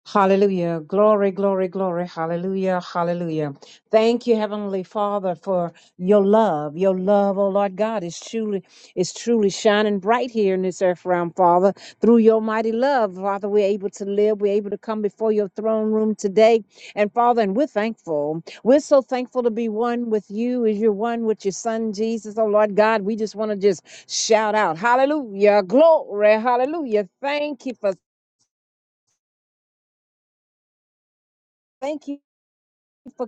Hallelujah. Glory, glory, glory. Hallelujah. Hallelujah. Thank you, Heavenly Father, for your love. Your love, oh Lord God, is truly, is truly shining bright here in this earth realm, Father. Through your mighty love, Father, we're able to live. We're able to come before your throne room today. And Father, and we're thankful. We're so thankful to be one with you as you're one with your son, Jesus. Oh Lord God, we just want to just shout out. Hallelujah. Glory. Hallelujah. Thank you for thank you.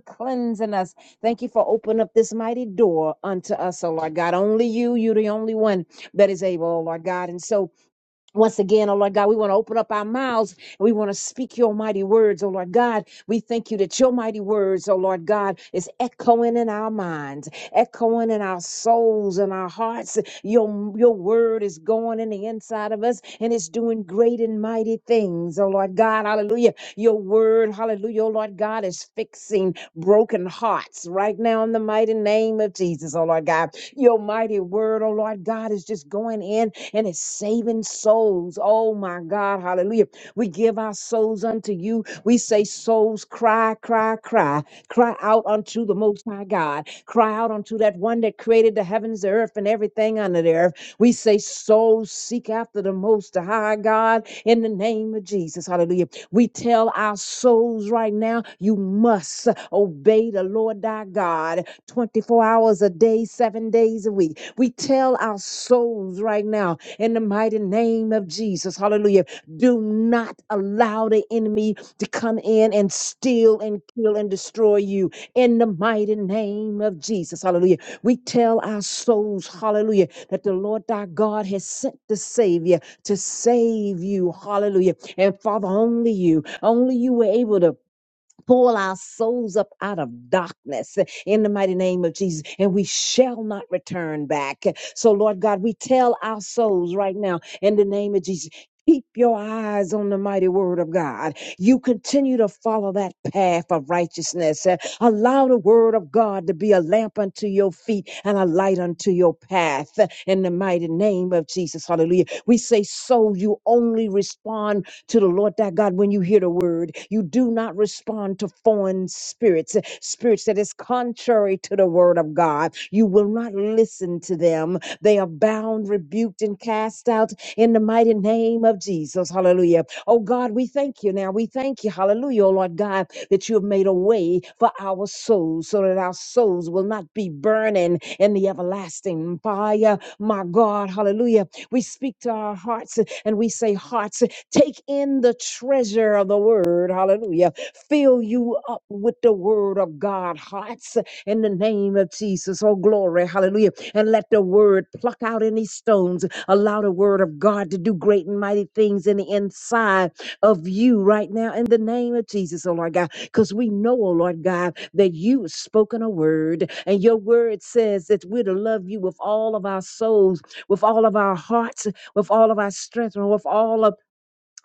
for cleansing us. Thank you for opening up this mighty door unto us, oh Lord God. Only you, you the only one that is able, oh Lord God. And so once again, oh Lord God, we want to open up our mouths and we want to speak your mighty words, oh Lord God. We thank you that your mighty words, oh Lord God, is echoing in our minds, echoing in our souls and our hearts. Your, your word is going in the inside of us and it's doing great and mighty things, oh Lord God. Hallelujah. Your word, hallelujah, oh Lord God, is fixing broken hearts right now in the mighty name of Jesus, oh Lord God. Your mighty word, oh Lord God, is just going in and it's saving souls. Oh my God, hallelujah. We give our souls unto you. We say, Souls, cry, cry, cry, cry out unto the Most High God, cry out unto that one that created the heavens, the earth, and everything under the earth. We say, Souls, seek after the Most High God in the name of Jesus. Hallelujah. We tell our souls right now, you must obey the Lord thy God 24 hours a day, seven days a week. We tell our souls right now, in the mighty name of Jesus. Hallelujah. Do not allow the enemy to come in and steal and kill and destroy you in the mighty name of Jesus. Hallelujah. We tell our souls, hallelujah, that the Lord thy God has sent the Savior to save you. Hallelujah. And Father, only you, only you were able to pull our souls up out of darkness in the mighty name of Jesus, and we shall not return back. So, Lord God, we tell our souls right now in the name of Jesus. Keep your eyes on the mighty word of God. You continue to follow that path of righteousness. Uh, Allow the word of God to be a lamp unto your feet and a light unto your path. uh, In the mighty name of Jesus. Hallelujah. We say, so you only respond to the Lord thy God when you hear the word. You do not respond to foreign spirits, eh, spirits that is contrary to the word of God. You will not listen to them. They are bound, rebuked, and cast out in the mighty name of Jesus. Hallelujah. Oh God, we thank you now. We thank you. Hallelujah, oh Lord God, that you have made a way for our souls so that our souls will not be burning in the everlasting fire. My God, hallelujah. We speak to our hearts and we say, Hearts Take in the treasure of the word. Hallelujah. Fill you up with the word of God. Hearts in the name of Jesus. Oh, glory. Hallelujah. And let the word pluck out any stones. Allow the word of God to do great and mighty things in the inside of you right now in the name of Jesus, oh Lord God. Because we know, oh Lord God, that you have spoken a word and your word says that we're to love you with all of our souls, with all of our hearts, with all of our strength, and with all of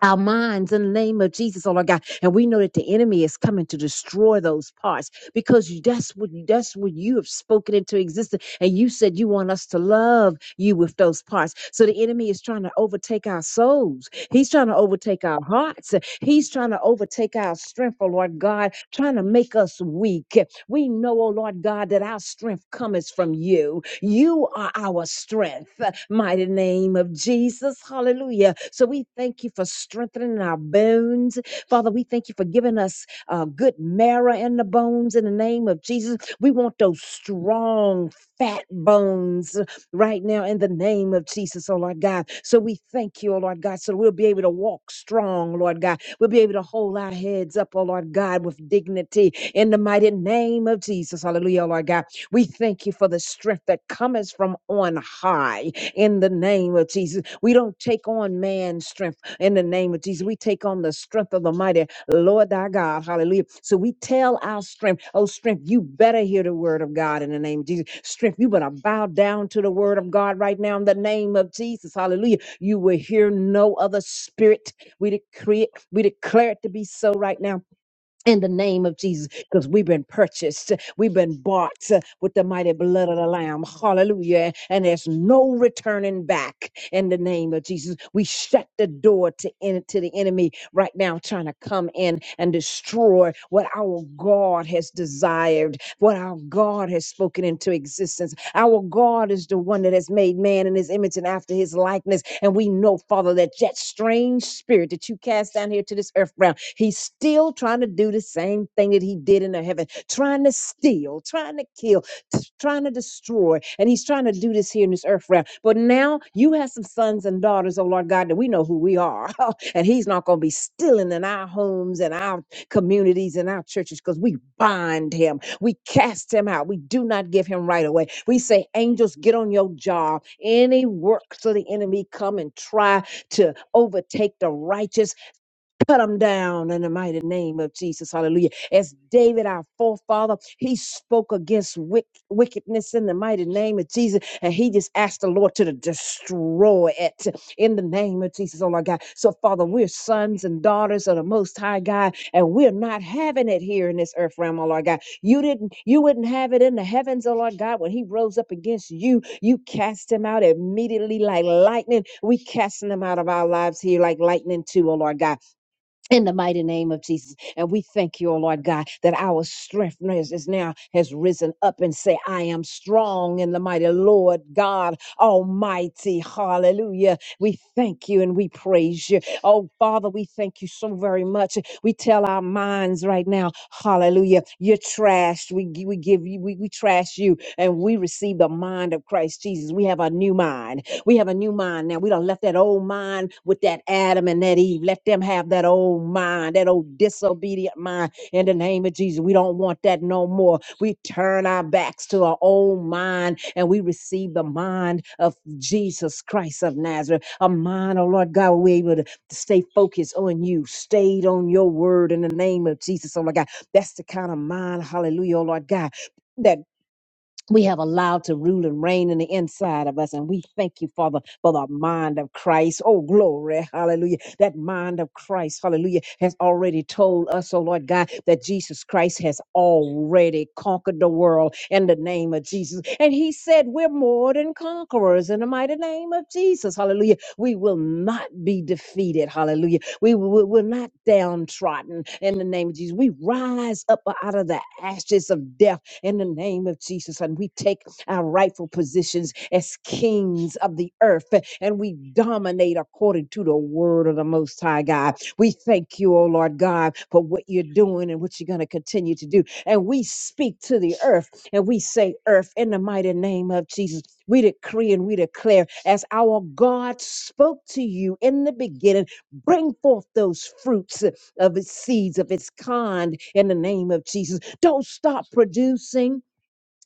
our minds in the name of Jesus, oh Lord God. And we know that the enemy is coming to destroy those parts because you- that's what that's what you have spoken into existence. And you said you want us to love you with those parts. So the enemy is trying to overtake our souls. He's trying to overtake our hearts. He's trying to overtake our strength, oh Lord God, trying to make us weak. We know, oh Lord God, that our strength cometh from you. You are our strength. uh, Mighty name of Jesus. Hallelujah. So we thank you for strengthening our bones. Father, we thank you for giving us uh, good marrow in the bones in the name of Jesus. We want those strong, fat bones right now in the name of Jesus, oh Lord God. So we thank you, oh Lord God, so we'll be able to walk strong, Lord God. We'll be able to hold our heads up, oh Lord God, with dignity in the mighty name of Jesus. Hallelujah, oh Lord God. We thank you for the strength that cometh from on high in the name of Jesus. We don't take on man's strength in the name of Jesus. We take on the strength of the mighty Lord thy God. Hallelujah. So we tell our strength, oh, strength, you better hear the word of God in the name of Jesus. Strength, you better bow down to the word of God right now in the name of Jesus. Hallelujah. You will hear no other spirit. We decree it, we declare it to be so right now in the name of Jesus, because we've been purchased, we've been bought uh, with the mighty blood of the Lamb. Hallelujah. And there's no returning back in the name of Jesus. We shut the door to, en- to the enemy right now, trying to come in and destroy what our God has desired, what our God has spoken into existence. Our God is the one that has made man in his image and after his likeness. And we know, Father, that that strange spirit that you cast down here to this earth realm He's still trying to do the same thing that he did in the heaven, trying to steal, trying to kill, t- trying to destroy. And he's trying to do this here in this earth realm. But now you have some sons and daughters, oh Lord God, that we know who we are. and he's not going to be stealing in our homes and our communities and our churches because we bind him. We cast him out. We do not give him right away. We say, angels, get on your job. Any works of the enemy come and try to overtake the righteous cut them down in the mighty name of Jesus. Hallelujah. As David, our forefather, he spoke against wick- wickedness in the mighty name of Jesus. And he just asked the Lord to destroy it in the name of Jesus. Oh, my God. So, Father, we're sons and daughters of the Most High God, and we're not having it here in this earth realm, oh, Lord God. You didn't, you wouldn't have it in the heavens, oh, Lord God. When he rose up against you, you cast him out immediately like lightning. We casting him out of our lives here like lightning, too, oh, Lord God in the mighty name of Jesus. And we thank you, O Lord God, that our strength is, is now has risen up and say, I am strong in the mighty Lord God Almighty. Hallelujah. We thank you and we praise you. Oh, Father, we thank you so very much. We tell our minds right now, hallelujah, you're trashed. We, gi- we give you, we, we trash you and we receive the mind of Christ Jesus. We have a new mind. We have a new mind now. We don't left that old mind with that Adam and that Eve. Let them have that old mind, that old disobedient mind. In the name of Jesus, we don't want that no more. We turn our backs to our old mind and we receive the mind of Jesus Christ of Nazareth. A mind, oh Lord God, we're able to to stay focused on you, stayed on your word in the name of Jesus, oh Lord God. That's the kind of mind, hallelujah, oh Lord God. That we have allowed to rule and reign in the inside of us. And we thank you, Father, for the mind of Christ. Oh, glory. Hallelujah. That mind of Christ, hallelujah, has already told us, oh Lord God, that Jesus Christ has already conquered the world in the name of Jesus. And he said, We're more than conquerors in the mighty name of Jesus. Hallelujah. We will not be defeated. Hallelujah. We will we're not downtrodden in the name of Jesus. We rise up out of the ashes of death in the name of Jesus. And we take our rightful positions as kings of the earth and we dominate according to the word of the Most High God. We thank you, oh Lord God, for what you're doing and what you're going to continue to do. And we speak to the earth and we say, Earth, in the mighty name of Jesus, we decree and we declare, as our God spoke to you in the beginning, bring forth those fruits of its seeds of its kind in the name of Jesus. Don't stop producing.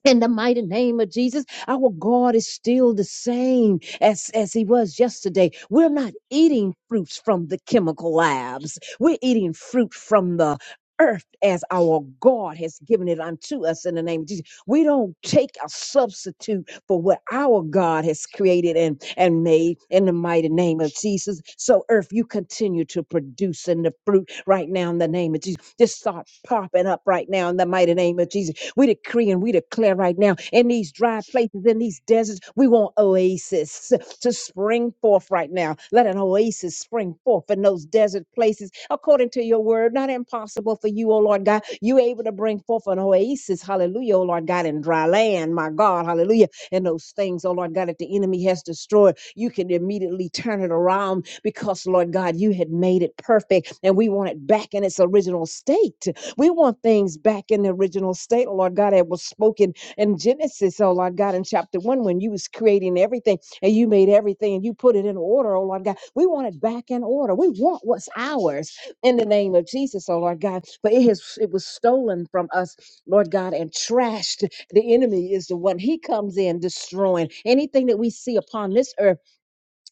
In the mighty name of Jesus, our God is still the same as, as he was yesterday. We're not eating fruits from the chemical labs. We're eating fruit from the earth as our God has given it unto us in the name of Jesus. We don't take a substitute for what our God has created and, and made in the mighty name of Jesus. So, earth, you continue to produce in the fruit right now in the name of Jesus. Just start popping up right now in the mighty name of Jesus. We decree and we declare right now in these dry places, in these deserts, we want oasis to spring forth right now. Let an oasis spring forth in those desert places according to your word. Not impossible for you, O Lord God. You able to bring forth an oasis, hallelujah, O Lord God, in dry land, my God, hallelujah and those things, oh Lord God, that the enemy has destroyed, you can immediately turn it around because, Lord God, you had made it perfect and we want it back in its original state. We want things back in the original state, oh Lord God, that was spoken in Genesis, oh Lord God, in chapter one, when you was creating everything and you made everything and you put it in order, oh Lord God. We want it back in order. We want what's ours in the name of Jesus, oh Lord God. But it has it was stolen from us, Lord God, and trashed. The enemy is the one, he comes in destroying anything that we see upon this earth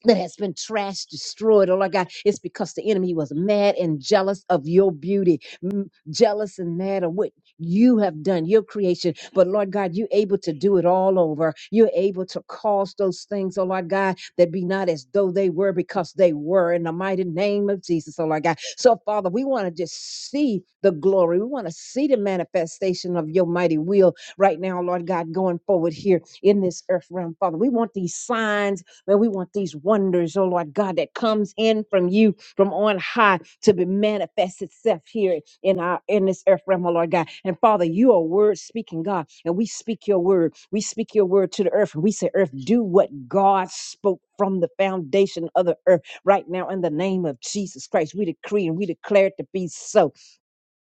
that has been trashed, destroyed. Oh, Lord God, it's because the enemy was mad and jealous of your beauty, m- jealous and mad of what you have done, your creation. But Lord God, you're able to do it all over. You're able to cause those things, oh Lord God, that be not as though they were because they were in the mighty name of Jesus, oh Lord God. So, Father, we want to just see the glory. We want to see the manifestation of your mighty will right now, Lord God, going forward here in this earth realm, Father. We want these signs Lord, we want these wonders, oh Lord God, that comes in from you from on high to be manifest itself here in our in this earth realm, oh Lord God. And Father, you are word speaking God, and we speak your word. We speak your word to the earth, and we say, Earth, do what God spoke from the foundation of the earth right now in the name of Jesus Christ. We decree and we declare it to be so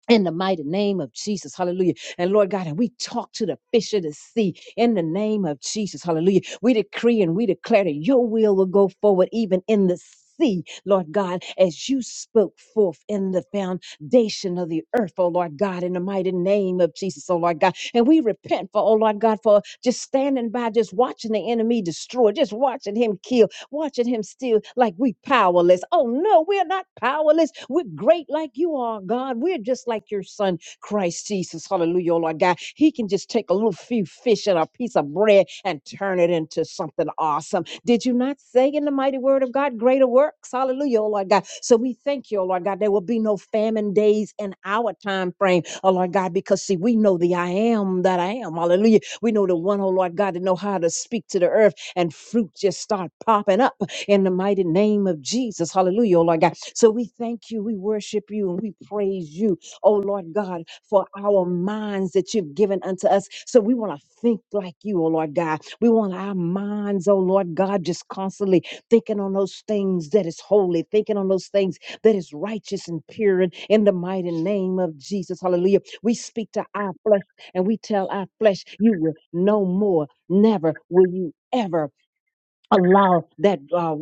in the mighty name of Jesus, hallelujah. And Lord God, and we talk to the fish of the sea in the name of Jesus, hallelujah. We decree and we declare that your will will go forward even in the sea, Lord God, as you spoke forth in the foundation of the earth, oh Lord God, in the mighty name of Jesus, oh Lord God. And we repent for, oh Lord God, for just standing by, just watching the enemy destroy, just watching him kill, watching him still like we powerless. Oh no, we're not powerless. We're great like you are, God. We're just like your son, Christ Jesus. Hallelujah, oh Lord God. He can just take a little few fish and a piece of bread and turn it into something awesome. Did you not say in the mighty word of God, greater works? Hallelujah, oh Lord God. So we thank you, oh Lord God. There will be no famine days in our time frame, oh Lord God, because see, we know the I am that I am. Hallelujah. We know the one, oh Lord God, that know how to speak to the earth and fruit just start popping up in the mighty name of Jesus. Hallelujah, oh Lord God. So we thank you, we worship you, and we praise you, oh Lord God, for our minds that you've given unto us. So we want to think like you, oh Lord God. We want our minds, oh Lord God, just constantly thinking on those things that is holy, thinking on those things that is righteous and pure and in the mighty name of Jesus. Hallelujah. We speak to our flesh and we tell our flesh, you will no more, never will you ever allow that uh,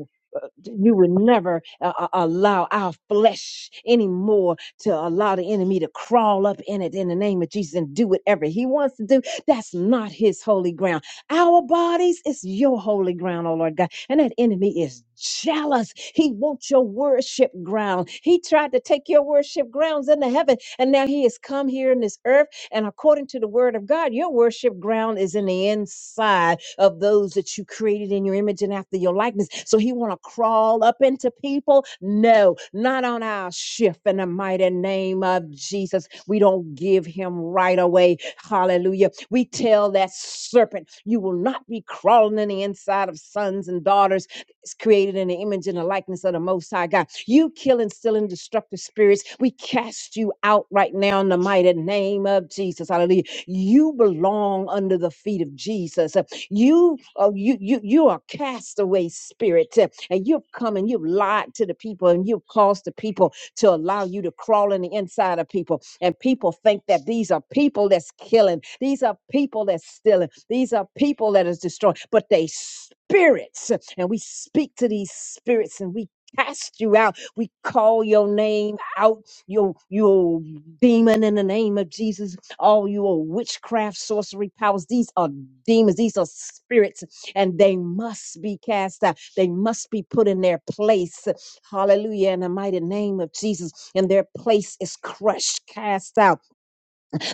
you would never uh, uh, allow our flesh anymore to allow the enemy to crawl up in it in the name of jesus and do whatever he wants to do that's not his holy ground our bodies is your holy ground oh lord god and that enemy is jealous he wants your worship ground he tried to take your worship grounds into heaven and now he has come here in this earth and according to the word of God, your worship ground is in the inside of those that you created in your image and after your likeness. So he want to crawl up into people? No, not on our shift in the mighty name of Jesus. We don't give him right away. Hallelujah. We tell that serpent, you will not be crawling in the inside of sons and daughters is created in the image and the likeness of the Most High God. You killing, stealing, destructive spirits, we cast you out right now in the mighty name of Jesus. Hallelujah. You belong under the feet of Jesus. Uh, You, uh, you, you, you are castaway spirit, uh, and you've come and you've lied to the people, and you've caused the people to allow you to crawl in the inside of people. And people think that these are people that's killing, these are people that's stealing, these are people that is destroying, but they spirits. And we speak to these spirits and we cast you out. We call your name out, your your demon in the name of Jesus. All your witchcraft, sorcery powers, these are demons, these are spirits, and they must be cast out. They must be put in their place. Hallelujah. In the mighty name of Jesus. And their place is crushed, cast out.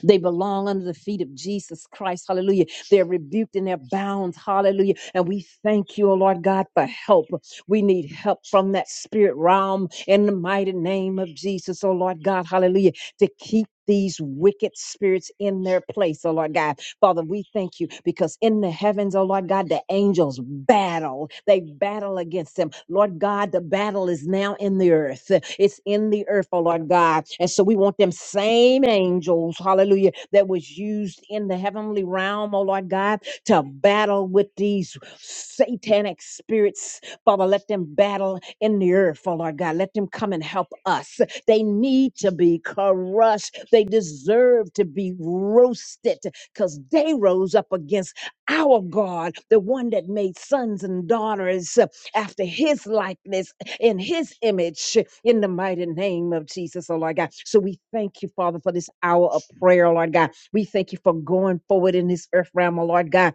They belong under the feet of Jesus Christ. Hallelujah. They're rebuked and they're bound. Hallelujah. And we thank you, oh Lord God, for help. We need help from that spirit realm in the mighty name of Jesus, oh Lord God. Hallelujah. To keep these wicked spirits in their place, oh Lord God. Father, we thank you because in the heavens, oh Lord God, the angels battle. They battle against them. Lord God, the battle is now in the earth. It's in the earth, oh Lord God. And so we want them same angels, hallelujah, that was used in the heavenly realm, oh Lord God, to battle with these satanic spirits. Father, let them battle in the earth, oh Lord God. Let them come and help us. They need to be crushed. They deserve to be roasted because they rose up against our God, the one that made sons and daughters uh, after his likeness, in his image, in the mighty name of Jesus, oh Lord God. So we thank you, Father, for this hour of prayer, Lord God. We thank you for going forward in this earth realm, oh Lord God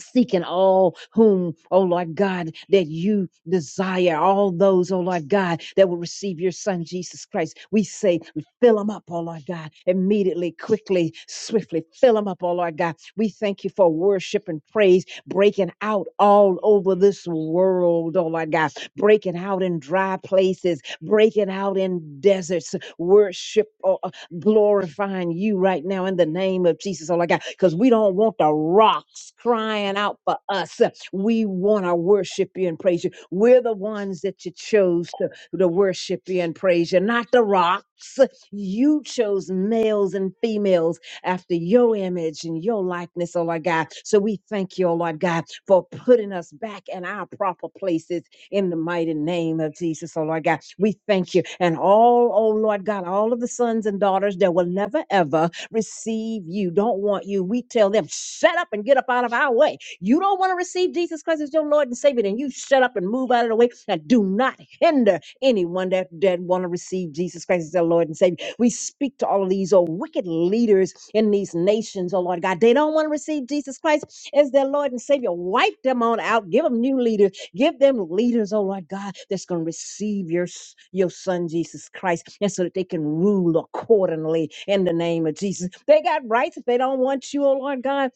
seeking all whom, oh Lord God, that you desire, all those, oh Lord God, that will receive your Son Jesus Christ. We say, fill them up, oh Lord God, immediately, quickly, swiftly, fill them up, oh Lord God. We thank you for worship and praise breaking out all over this world, oh Lord God, breaking out in dry places, breaking out in deserts, worship. oh glorifying you right now in the name of Jesus, oh my God, because we don't want the rocks crying out for us. We want to worship you and praise you. We're the ones that you chose to, to worship you and praise you, not the rocks. You chose males and females after your image and your likeness, oh Lord God. So we thank you, oh Lord God, for putting us back in our proper places in the mighty name of Jesus, oh Lord God. We thank you. And all, oh Lord God, all of the sons and daughters that will never ever receive you, don't want you. We tell them, shut up and get up out of our way. You don't want to receive Jesus Christ as your Lord and Savior, then you shut up and move out of the way and do not hinder anyone that, that want to receive Jesus Christ as their Lord and Savior. We speak to all of these oh wicked leaders in these nations, oh Lord God. They don't want to receive Jesus Christ as their Lord and Savior. Wipe them on out. Give them new leaders Give them leaders, oh Lord God, that's going to receive your, your son, Jesus Christ, and so that they can rule accordingly in the name of Jesus. They got rights if they don't want you, oh Lord God.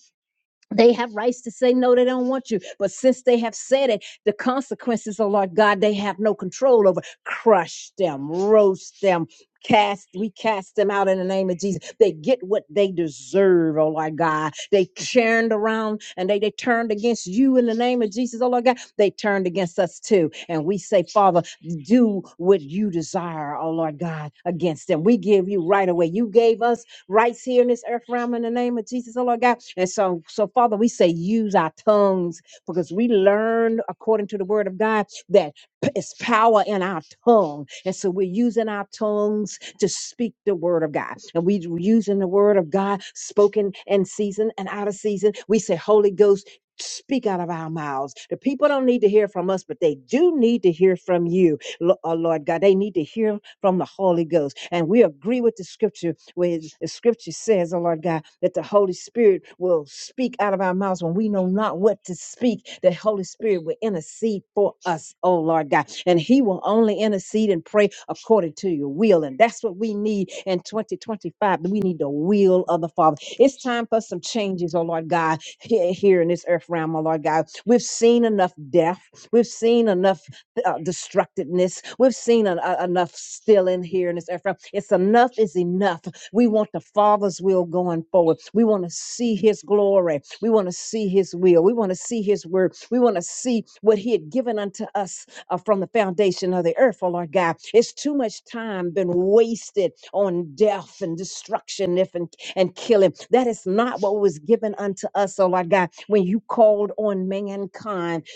They have rights to say no, they don't want you. But since they have said it, the consequences, oh Lord God, they have no control over. Crush them, roast them, cast, we cast them out in the name of Jesus. They get what they deserve, oh Lord God. They turned around and they, they turned against you in the name of Jesus, oh Lord God. They turned against us too. And we say, Father, do what you desire, oh Lord God, against them. We give you right away. You gave us rights here in this earth realm in the name of Jesus, oh Lord God. And so, so Father, we say use our tongues because we learn according to the word of God that p- it's power in our tongue. And so we're using our tongues to speak the word of God. And we're using the word of God spoken in season and out of season. We say, Holy Ghost, speak out of our mouths. The people don't need to hear from us, but they do need to hear from you, Lo- oh Lord God. They need to hear from the Holy Ghost. And we agree with the scripture where the scripture says, oh Lord God, that the Holy Spirit will speak out of our mouths when we know not what to speak. The Holy Spirit will intercede for us, oh Lord God. And He will only intercede and pray according to your will. And that's what we need in 2025. We need the will of the Father. It's time for some changes, oh Lord God, here, here in this earth realm, oh Lord God. We've seen enough death. We've seen enough uh, destructiveness. We've seen en- uh, enough still in here in this earth. It's enough is enough. We want the Father's will going forward. We want to see His glory. We want to see His will. We want to see His word. We want to see what He had given unto us uh, from the foundation of the earth, oh Lord God. It's too much time been wasted on death and destruction if and, and killing. That is not what was given unto us, oh Lord God. When you called on mankind,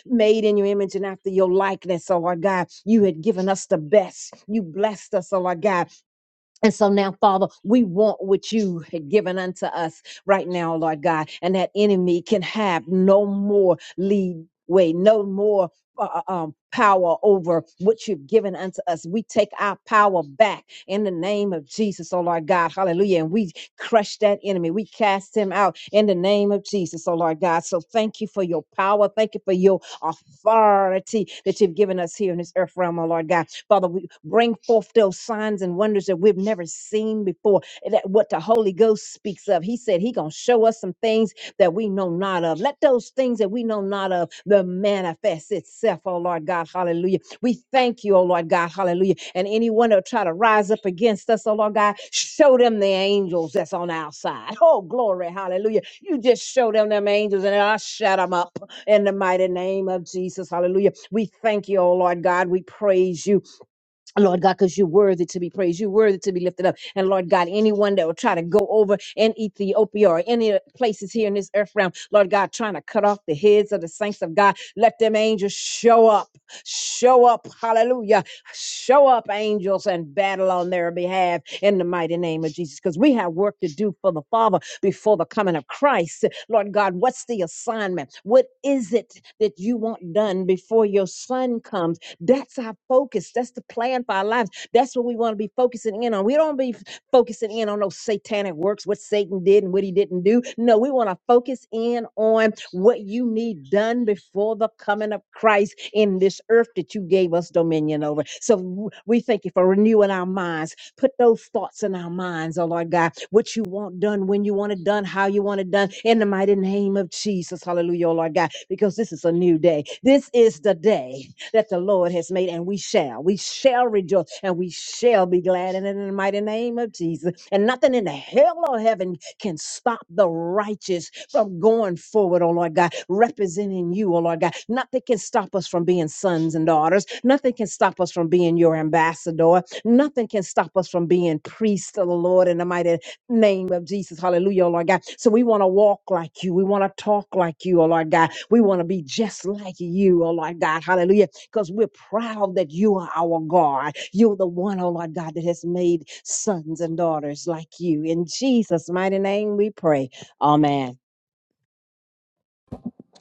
made in your image and after your likeness, oh Lord God. You had given us the best. You blessed us, oh Lord God. And so now, Father, we want what you had given unto us right now, oh Lord God. And that enemy can have no more lead way, no more uh, uh, um, power over what you've given unto us. We take our power back in the name of Jesus, oh Lord God. Hallelujah. And we crush that enemy. We cast him out in the name of Jesus, oh Lord God. So thank you for your power. Thank you for your authority authority that you've given us here in this earth realm, oh Lord God. Father, we bring forth those signs and wonders that we've never seen before. That what the Holy Ghost speaks of. He said he gonna show us some things that we know not of. Let those things that we know not of the manifest itself, oh Lord God. hallelujah. Hallelujah. We thank you, oh Lord God. Hallelujah. And anyone that try to rise up against us, oh Lord God, show them the angels that's on our side. Oh, glory. Hallelujah. You just show them them angels and I'll shut them up in the mighty name of Jesus. Hallelujah. We thank you, oh Lord God. We praise you. Lord God, because you're worthy to be praised. You're worthy to be lifted up. And Lord God, anyone that will try to go over in Ethiopia or any places here in this earth realm, Lord God, trying to cut off the heads of the saints of God, let them angels show up. Show up. Hallelujah. Show up, angels, and battle on their behalf in the mighty name of Jesus. Because we have work to do for the Father before the coming of Christ. Lord God, what's the assignment? What is it that you want done before your son comes? That's our focus. That's the plan for our lives. That's what we want to be focusing in on. We don't be f- focusing in on those satanic works, what Satan did and what he didn't do. No, we want to focus in on what you need done before the coming of Christ in this earth that you gave us dominion over. So w- we thank you for renewing our minds. Put those thoughts in our minds, oh Lord God, what you want done, when you want it done, how you want it done, in the mighty name of Jesus. Hallelujah, oh Lord God, because this is a new day. This is the day that the Lord has made, and we shall, we shall rejoice, and we shall be glad in it in the mighty name of Jesus. And nothing in the hell or heaven can stop the righteous from going forward, oh Lord God, representing you, oh Lord God. Nothing can stop us from being sons and daughters. Nothing can stop us from being your ambassador. Nothing can stop us from being priests of the Lord in the mighty name of Jesus. Hallelujah, oh Lord God. So we want to walk like you. We want to talk like you, oh Lord God. We want to be just like you, oh Lord God. Hallelujah because we're proud that you are our God. You're the one, oh Lord God, that has made sons and daughters like you. In Jesus' mighty name we pray. Amen.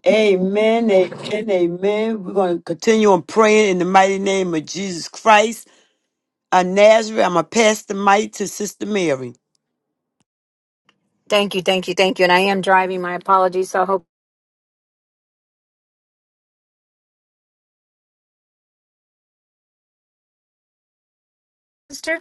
Amen and amen. We're going to continue on praying in the mighty name of Jesus Christ of Nazareth. I'm going to pass the mic to Sister Mary. Thank you, thank you, thank you. And I am driving. My apologies. So I hope, sister.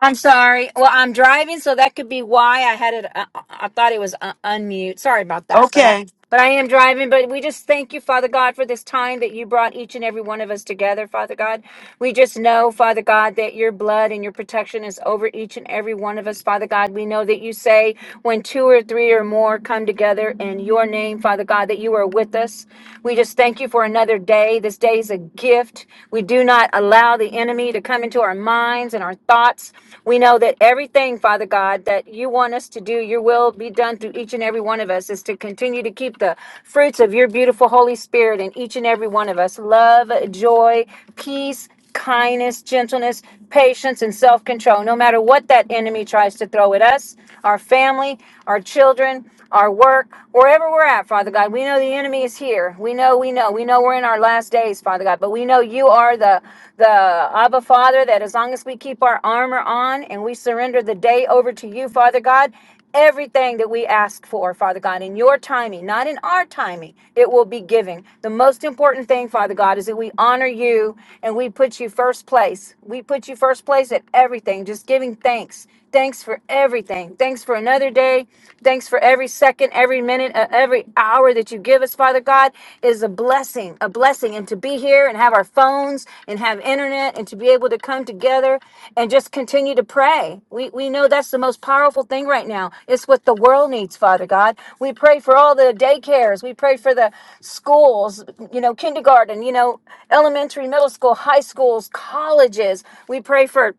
I'm sorry. Well, I'm driving, so that could be why I had it. I, I I thought it was uh, unmute. Sorry about that. Okay. But I am driving, but we just thank you, Father God, for this time that you brought each and every one of us together, Father God. We just know, Father God, that your blood and your protection is over each and every one of us, Father God. We know that you say when two or three or more come together in your name, Father God, that you are with us. We just thank you for another day. This day is a gift. We do not allow the enemy to come into our minds and our thoughts. We know that Everything, Father God, that you want us to do, your will be done through each and every one of us, is to continue to keep the fruits of your beautiful Holy Spirit in each and every one of us love, joy, peace, kindness, gentleness, patience, and self control. No matter what that enemy tries to throw at us, our family, our children our work, wherever we're at, Father God. We know the enemy is here. We know, we know, we know we're in our last days, Father God. But we know you are the the Abba Father that as long as we keep our armor on and we surrender the day over to you, Father God, everything that we ask for, Father God, in your timing, not in our timing, it will be given. The most important thing, Father God, is that we honor you and we put you first place. We put you first place at everything, just giving thanks Thanks for everything. Thanks for another day. Thanks for every second, every minute, uh, every hour that you give us, Father God, is a blessing, a blessing. And to be here and have our phones and have internet and to be able to come together and just continue to pray. We, we know that's the most powerful thing right now. It's what the world needs, Father God. We pray for all the daycares. We pray for the schools, you know, kindergarten, you know, elementary, middle school, high schools, colleges. We pray for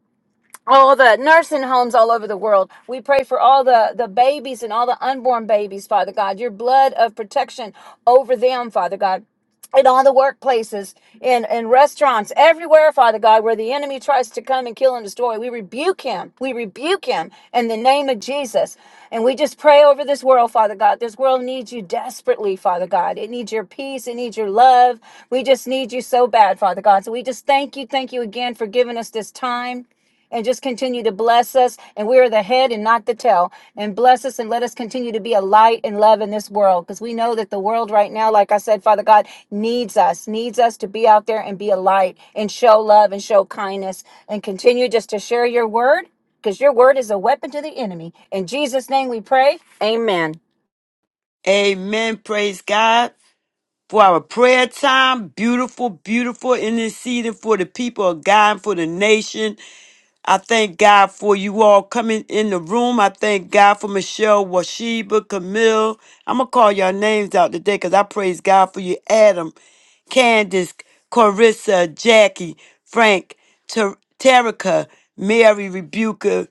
all the nursing homes all over the world. We pray for all the, the babies and all the unborn babies, Father God, your blood of protection over them, Father God. In all the workplaces, in, in restaurants, everywhere, Father God, where the enemy tries to come and kill and destroy, we rebuke him. We rebuke him in the name of Jesus. And we just pray over this world, Father God. This world needs you desperately, Father God. It needs your peace. It needs your love. We just need you so bad, Father God. So we just thank you. Thank you again for giving us this time and just continue to bless us. And we are the head and not the tail. And bless us and let us continue to be a light and love in this world because we know that the world right now, like I said, Father God, needs us, needs us to be out there and be a light and show love and show kindness and continue just to share your word because your word is a weapon to the enemy. In Jesus' name we pray. Amen. Amen. Praise God. for our prayer time. Beautiful, beautiful in this season for the people of God and for the nation. I thank God for you all coming in the room. I thank God for Michelle, Washiba, Camille. I'm going to call your names out today because I praise God for you, Adam, Candace, Carissa, Jackie, Frank, Ter- Terica, Mary, Rebuker.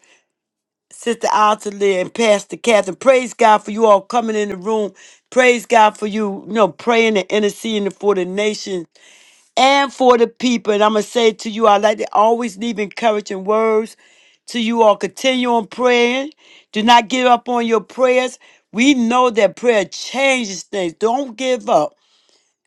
Sister Ottilie and Pastor Catherine. Praise God for you all coming in the room. Praise God for you, you know, praying and interceding for the nation and for the people. And I'm going to say to you, I like to always leave encouraging words to you all. Continue on praying. Do not give up on your prayers. We know that prayer changes things. Don't give up.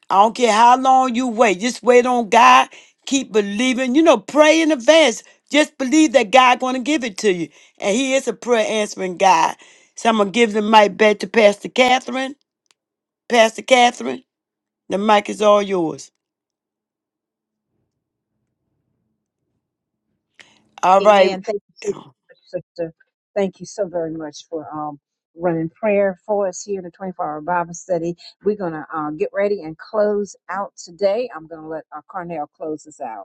I don't care how long you wait. Just wait on God. Keep believing. You know, pray in advance. Just believe that God gonna give it to you. And he is a prayer answering God. So I'm gonna give the mic back to Pastor Catherine. Pastor Catherine, the mic is all yours. All right. Amen. Thank you so much, sister. Thank you so very much for um, running prayer for us here in the 24 hour Bible study. We're going to uh, get ready and close out today. I'm going to let uh, Carnell close us out.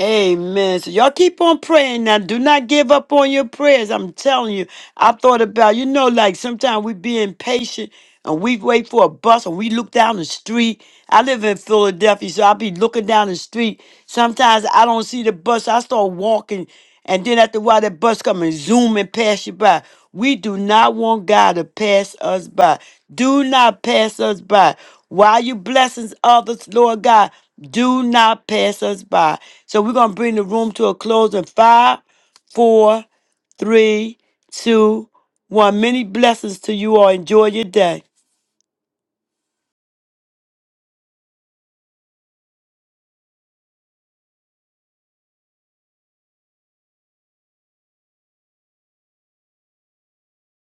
Amen. So y'all keep on praying now. Do not give up on your prayers. I'm telling you. I thought about, you know, like sometimes we be impatient and we wait for a bus and we look down the street. I live in Philadelphia, so I be looking down the street. Sometimes I don't see the bus. I start walking, and then after a while, that bus come and zoom and pass you by. We do not want God to pass us by. Do not pass us by. While you blessings others, Lord God, do not pass us by. So we're gonna bring the room to a close in five, four, three, two, one. Many blessings to you all. Enjoy your day.